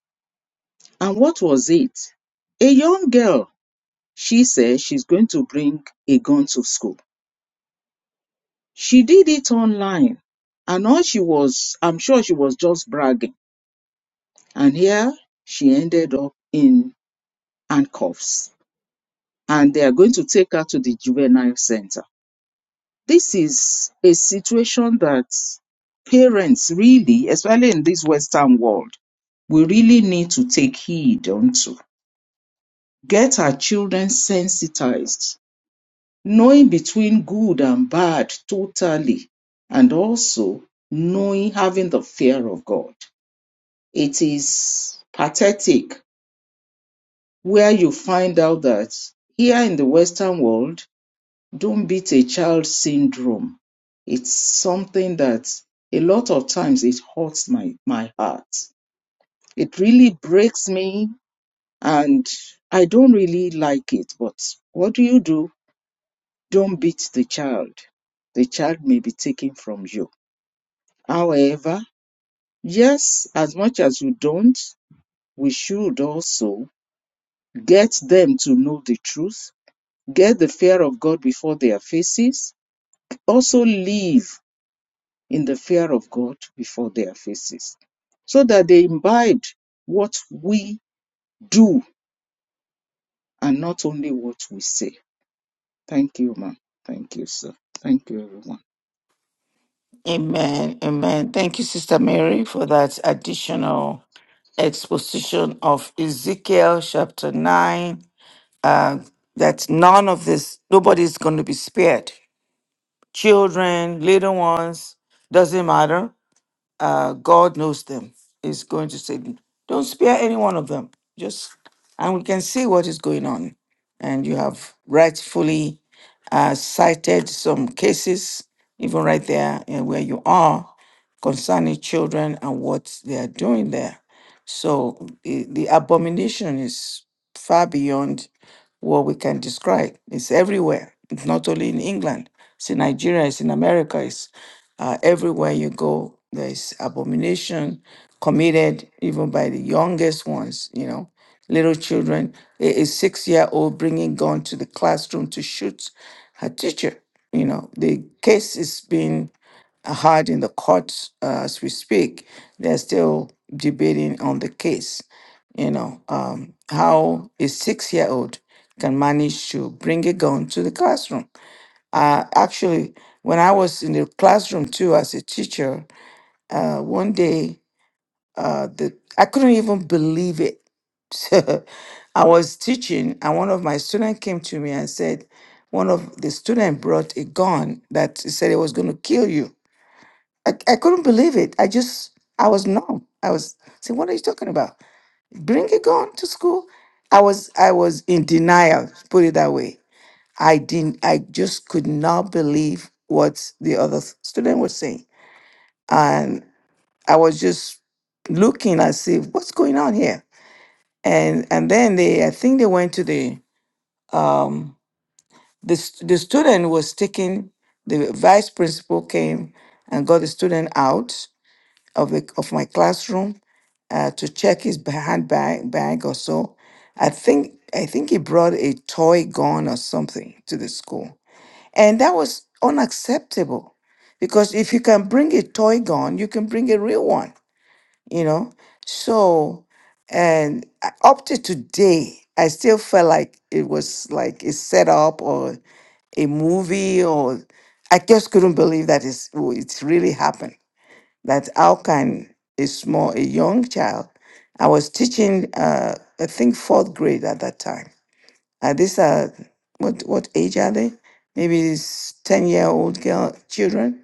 Speaker 2: And what was it? A young girl. She says she's going to bring a gun to school. She did it online and all she was, I'm sure she was just bragging. And here she ended up in handcuffs and they are going to take her to the juvenile center. This is a situation that parents really, especially in this Western world, we really need to take heed unto. Get our children sensitized knowing between good and bad totally, and also knowing, having the fear of God. It is pathetic where you find out that here in the Western world, don't beat a child syndrome. It's something that a lot of times it hurts my, my heart. It really breaks me, and I don't really like it, but what do you do? Don't beat the child. The child may be taken from you. However, yes, as much as you don't, we should also get them to know the truth, get the fear of God before their faces, also live in the fear of God before their faces, so that they imbibe what we do and not only what we say. Thank you, ma'am. Thank you, sir. Thank you, everyone.
Speaker 1: Amen. Amen. Thank you, Sister Mary, for that additional exposition of Ezekiel chapter 9. Uh, that none of this, nobody's going to be spared. Children, little ones, doesn't matter. uh, God knows them, is going to say, don't spare any one of them. Just, and we can see what is going on. And you have rightfully uh, cited some cases, even right there and where you are, concerning children and what they are doing there. So the, the abomination is far beyond what we can describe. It's everywhere. It's not only in England. It's in Nigeria. It's in America. It's uh, everywhere you go. There is abomination committed even by the youngest ones. You know, little children. A, a six-year-old bringing gun to the classroom to shoot her teacher. You know, the case is being heard in the courts uh, as we speak. They're still debating on the case. You know, um, how a six year old can manage to bring a gun to the classroom. Uh, actually, when I was in the classroom too as a teacher, uh, one day uh, the, I couldn't even believe it. So I was teaching, and one of my students came to me and said, one of the students brought a gun that he said it was going to kill you I, I couldn't believe it. I just, I was numb. I was saying, what are you talking about? Bring a gun to school? I was, I was in denial, put it that way. I didn't, I just could not believe what the other s- student was saying. And I was just looking and see what's going on here. And, and then they, I think they went to the, um, the, st- the student was taken, the vice principal came and got the student out of the, of my classroom uh, to check his ba- handbag bag or so. I think I think he brought a toy gun or something to the school, and that was unacceptable because if you can bring a toy gun, you can bring a real one, you know. So, and I- up to today, I still felt like it was like a setup or a movie, or I just couldn't believe that it's, it's really happened that how can a small, a young child, I was teaching, uh, I think fourth grade at that time. Uh, these are, what, what age are they? Maybe it's 10 year old girl, children.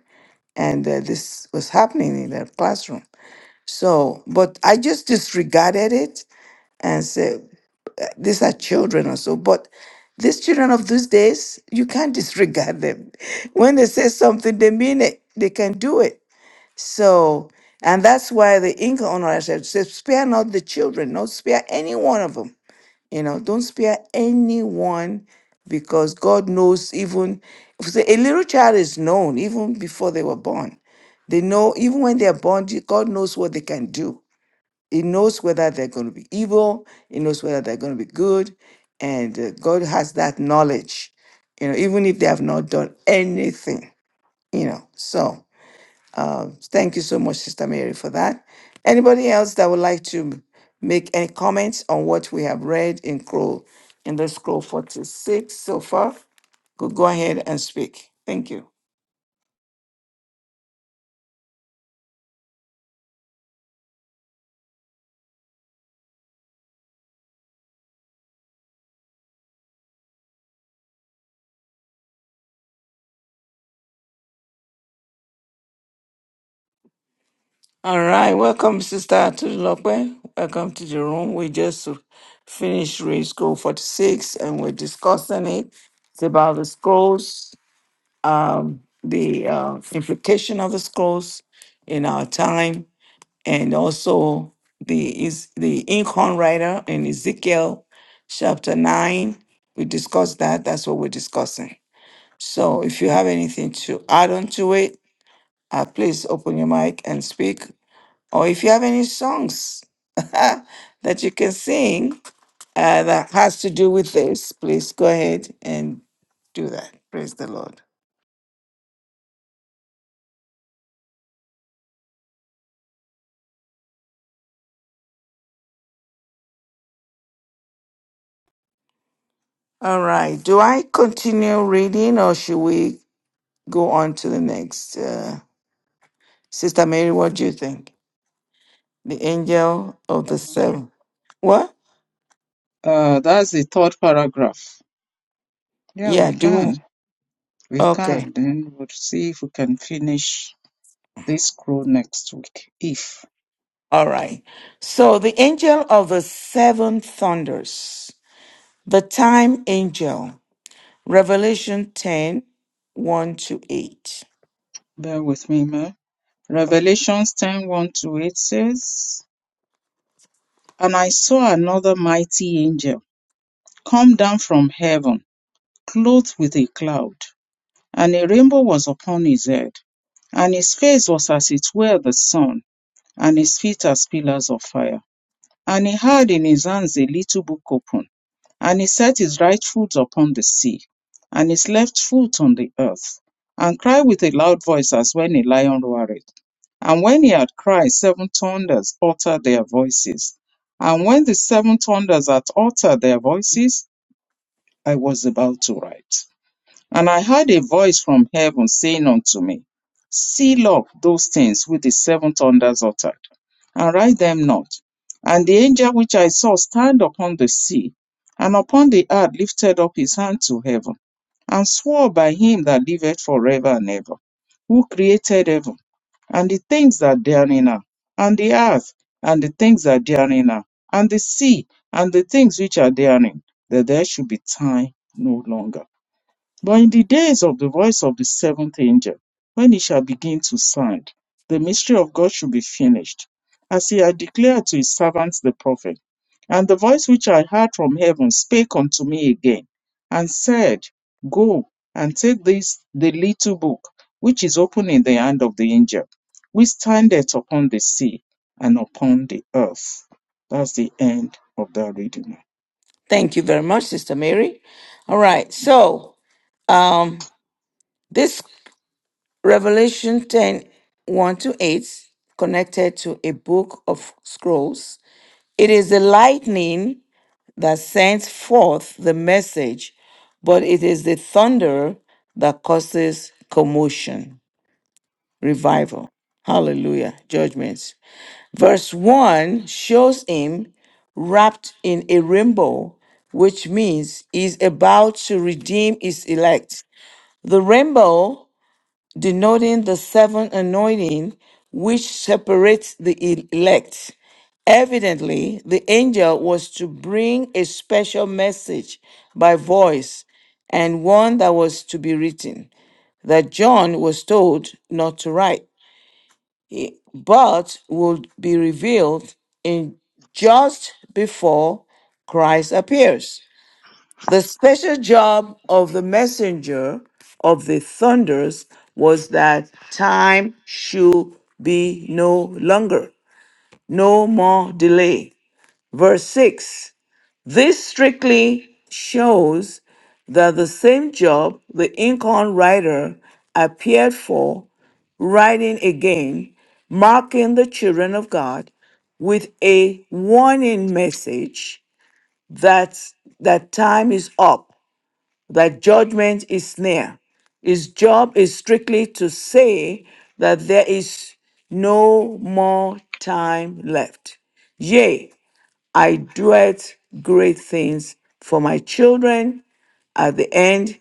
Speaker 1: And uh, this was happening in their classroom. So, but I just disregarded it and said, these are children or so. But these children of these days, you can't disregard them. When they say something, they mean it. They can do it so, and that's why the Inca owner said, said, spare not the children, don't spare any one of them. You know, don't spare anyone because God knows even if the- a little child is known even before they were born. They know even when they're born, the- God knows what they can do. He knows whether they're going to be evil, He knows whether they're going to be good. And uh, God has that knowledge, you know, even if they have not done anything, you know. So, uh, thank you so much, Sister Mary, for that. Anybody else that would like to make any comments on what we have read in Crow in the scroll 46 so far? Could go ahead and speak. Thank you. All right, welcome, Sister Atulope. Welcome to the room. We just finished read scroll 46 and we're discussing it. It's about the scrolls, um, the uh, implication of the scrolls in our time and also the is the inkhorn rider in Ezekiel chapter nine. We discussed that. That's what we're discussing. So if you have anything to add on to it, uh, please open your mic and speak. Or if you have any songs that you can sing uh, that has to do with this, please go ahead and do that. Praise the Lord. All right. Do I continue reading or should we go on to the next? Uh, Sister Mary, what do you think? The angel of the seven. What?
Speaker 2: Uh, that's the third paragraph. Yeah,
Speaker 1: Yeah,
Speaker 2: we can.
Speaker 1: do
Speaker 2: We
Speaker 1: okay.
Speaker 2: can. Then we'll see if we can finish this scroll next week. If.
Speaker 1: All right. So the angel of the seven thunders, the time angel, Revelation ten one to 8.
Speaker 2: Bear with me, ma. Revelations ten one to 8 says, And I saw another mighty angel come down from heaven clothed with a cloud, and a rainbow was upon his head, and his face was as it were the sun, and his feet as pillars of fire. And he had in his hands a little book open, and he set his right foot upon the sea, and his left foot on the earth, and cried with a loud voice as when a lion roareth. And when he had cried, seven thunders uttered their voices. And when the seven thunders had uttered their voices, I was about to write. And I heard a voice from heaven saying unto me, Seal up those things which the seven thunders uttered, and write them not. And the angel which I saw stand upon the sea, and upon the earth lifted up his hand to heaven, and swore by him that liveth forever and ever, who created heaven, and the things that therein are, and the earth, and the things that therein are, and the sea, and the things which are therein, that there should be time no longer. But in the days of the voice of the seventh angel, when he shall begin to sound, the mystery of God should be finished, as he had declared to his servants the prophet. And the voice which I heard from heaven spake unto me again, and said, Go and take this the little book which is open in the hand of the angel, which standeth upon the sea and upon the earth. That's the end of that reading.
Speaker 1: Thank you very much, Sister Mary. All right. So, um, this Revelation ten one to 8 connected to a book of scrolls. It is the lightning that sends forth the message, but it is the thunder that causes commotion, revival. Hallelujah. Judgments. Verse 1 shows him wrapped in a rainbow, which means he's about to redeem his elect. The rainbow denoting the seven anointing which separates the elect Evidently, the angel was to bring a special message by voice and one that was to be written, that John was told not to write, eh, but would be revealed in just before Christ appears. The special job of the messenger of the thunders was that time should be no longer, no more delay. Verse 6 this strictly shows that the same job the Incan writer appeared for writing again, marking the children of God with a warning message that, that time is up, that judgment is near. His job is strictly to say that there is no more time left. Yea, I doeth great things for my children. At the end,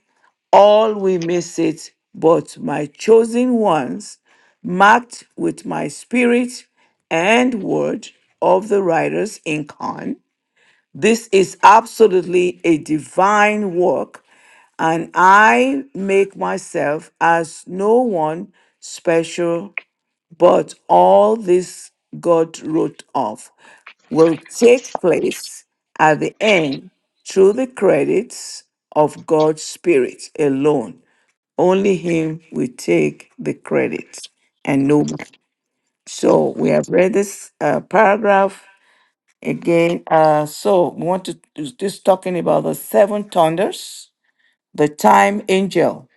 Speaker 1: all will miss it, but my chosen ones, marked with my spirit and word of the writers in Khan. This is absolutely a divine work, and I make myself as no one special, but all this God wrote of will take place at the end through the credits of God's Spirit alone. Only Him will take the credit and no man. So we have read this uh, paragraph again. Uh, so we want to is this talking about the seven thunders, the time angel,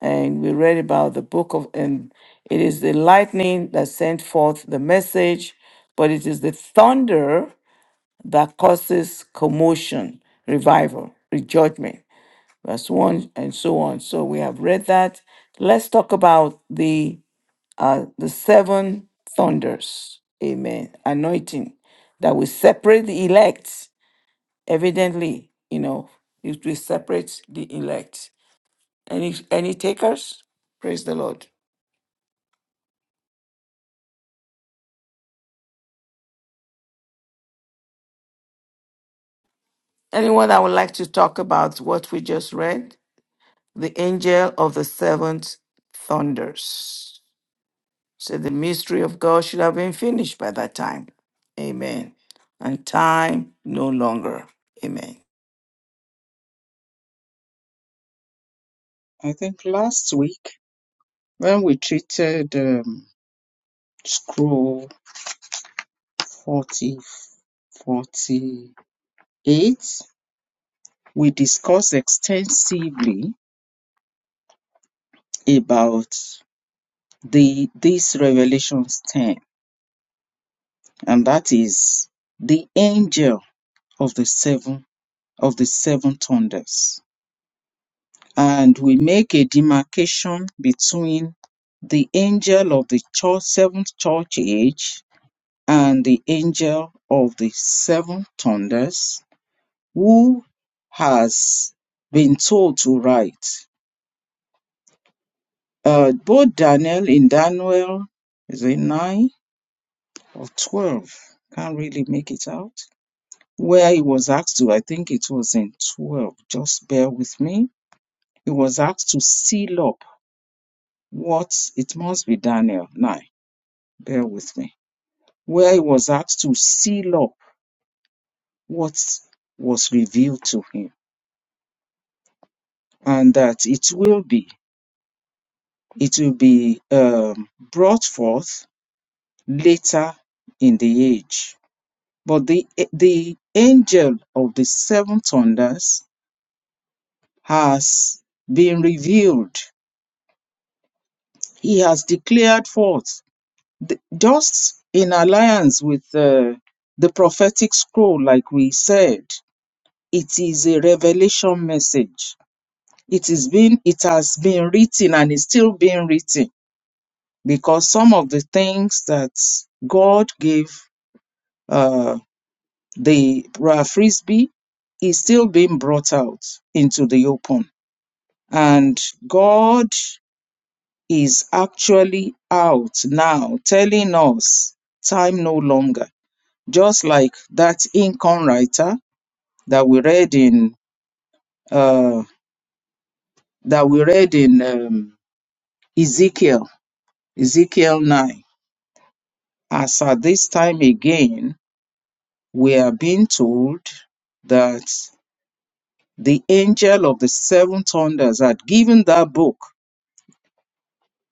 Speaker 1: and we read about the book of and it is the lightning that sent forth the message, but it is the thunder that causes commotion, revival, rejudgment, verse 1, and so on. So we have read that. Let's talk about the uh, the seven thunders, amen, anointing that will separate the elect. Evidently, you know, it will separate the elect. Any any takers? Praise the Lord. Anyone that would like to talk about what we just read? The angel of the seventh thunders. So the mystery of God should have been finished by that time. Amen. And time no longer. Amen.
Speaker 2: I think last week when we treated. Um, scroll forty forty eight. we discuss extensively about the this revelation 10 and that is the angel of the seven of the seven thunders and we make a demarcation between the angel of the church, seventh church age and the angel of the seven thunders who has been told to write. Uh, both Daniel in Daniel, is it 9 or 12? Can't really make it out. Where he was asked to, I think it was in 12, just bear with me. He was asked to seal up what, it must be Daniel 9, bear with me. Where he was asked to seal up what was revealed to him, and that it will be, it will be um, brought forth later in the age. But the, the angel of the seven thunders has been revealed. He has declared forth, th- just in alliance with uh, the prophetic scroll, like we said, it is a revelation message. It is been, it has been written and is still being written because some of the things that God gave uh, the uh, frisbee is still being brought out into the open. And God is actually out now telling us time no longer. Just like that Incon writer that we read in uh, that we read in um, Ezekiel, Ezekiel 9. As at this time again, we are being told that the angel of the seven thunders had given that book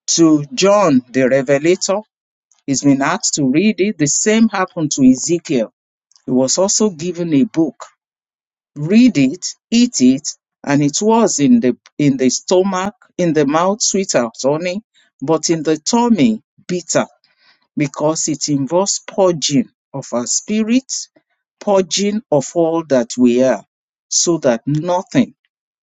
Speaker 2: to John the Revelator. He's been asked to read it. The same happened to Ezekiel. He was also given a book. Read it, eat it, and it was in the in the stomach, in the mouth, sweet as honey, but in the tummy, bitter because it involves purging of our spirit, purging of all that we are, so that nothing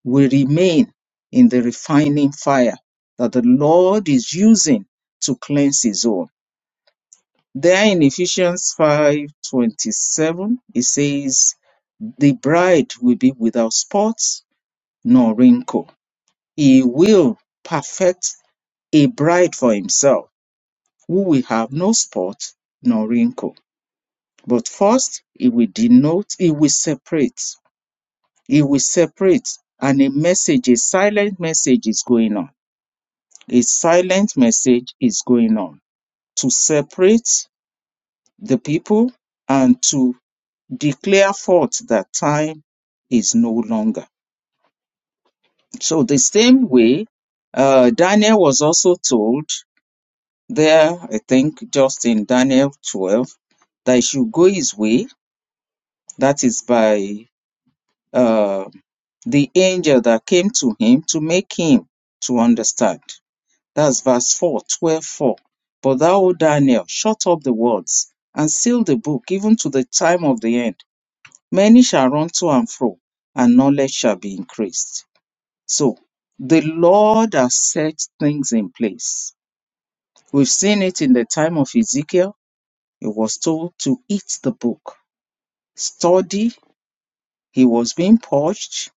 Speaker 2: will remain in the refining fire that the Lord is using to cleanse his own. There in Ephesians 5:27, it says, The bride will be without spots nor wrinkle. He will perfect a bride for himself who will have no spot nor wrinkle. But first, it will denote, it will separate, it will separate, and a message, a silent message is going on. A silent message is going on to separate the people and to declare forth that time is no longer. So, the same way, uh, Daniel was also told there, I think, just in Daniel 12, that he should go his way. That is by uh, the angel that came to him to make him to understand. That's verse 4, 12 4. But thou, O Daniel, shut up the words and seal the book even to the time of the end. Many shall run to and fro, and knowledge shall be increased. So the Lord has set things in place. We've seen it in the time of Ezekiel. He was told to eat the book, study. He was being purged.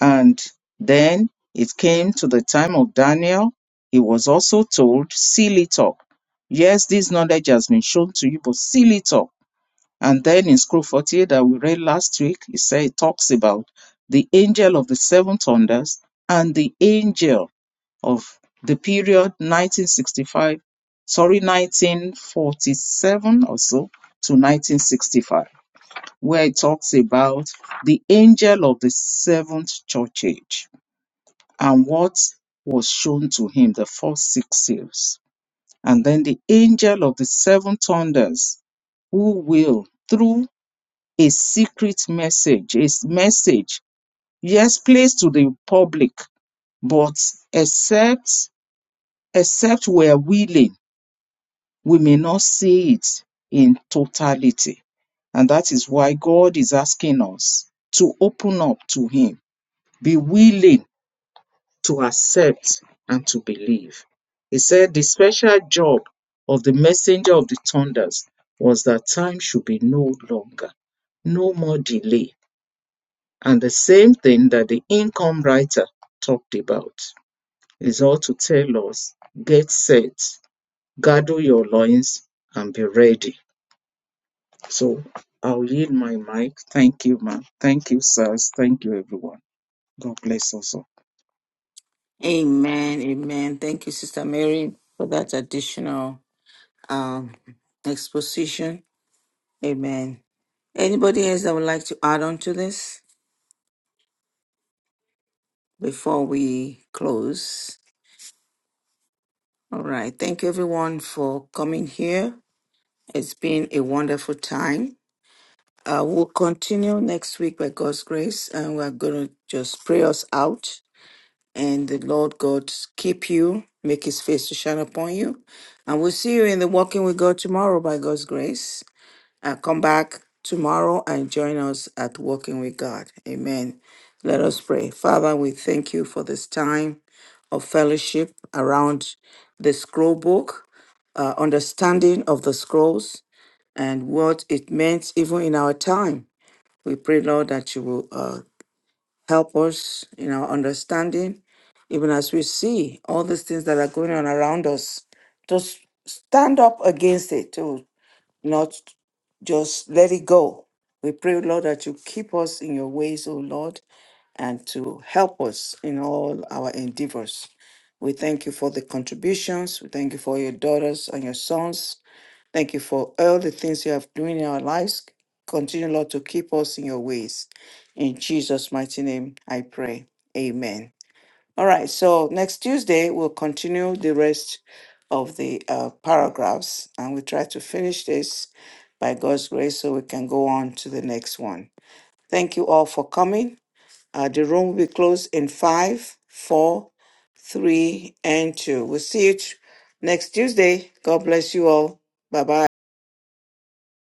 Speaker 2: And then it came to the time of Daniel. He was also told, Seal it up. Yes, this knowledge has been shown to you, but seal it up. And then in Scroll 48 that we read last week, it said it talks about the angel of the seven thunders and the angel of the period 1965, sorry, 1947 or so to 1965, where it talks about the angel of the seventh church age and what was shown to him, the first six seals. And then the angel of the seven thunders, who will, through a secret message, a message, yes, placed to the public, but except, except we are willing, we may not see it in totality. And that is why God is asking us to open up to Him, be willing to accept and to believe. He said the special job of the messenger of the thunders was that time should be no longer, no more delay. And the same thing that the income writer talked about is all to tell us get set, gather your loins, and be ready. So I'll yield my mic. Thank you, ma'am. Thank you, sirs. Thank you, everyone. God bless us all.
Speaker 1: Amen. Amen. Thank you, Sister Mary, for that additional um, exposition. Amen. Anybody else that would like to add on to this before we close? All right. Thank you, everyone, for coming here. It's been a wonderful time. Uh, we'll continue next week by God's grace, and we're going to just pray us out. And the Lord God keep you, make his face to shine upon you. And we'll see you in the Walking with God tomorrow by God's grace. And come back tomorrow and join us at Walking with God. Amen. Let us pray. Father, we thank you for this time of fellowship around the scroll book, uh, understanding of the scrolls, and what it meant even in our time. We pray, Lord, that you will uh, help us in our understanding, even as we see all these things that are going on around us. Just stand up against it, to not just let it go. We pray, Lord, that you keep us in your ways, O Lord, and to help us in all our endeavors. We thank you for the contributions. We thank you for your daughters and your sons Thank you for all the things you have doing in our lives. Continue, Lord, to keep us in your ways. In Jesus' mighty name, I pray. Amen. All right. So next Tuesday, we'll continue the rest of the uh, paragraphs and we try to finish this by God's grace so we can go on to the next one. Thank you all for coming. Uh, the room will be closed in five, four, three, and two. We'll see you t- next Tuesday. God bless you all. Bye bye.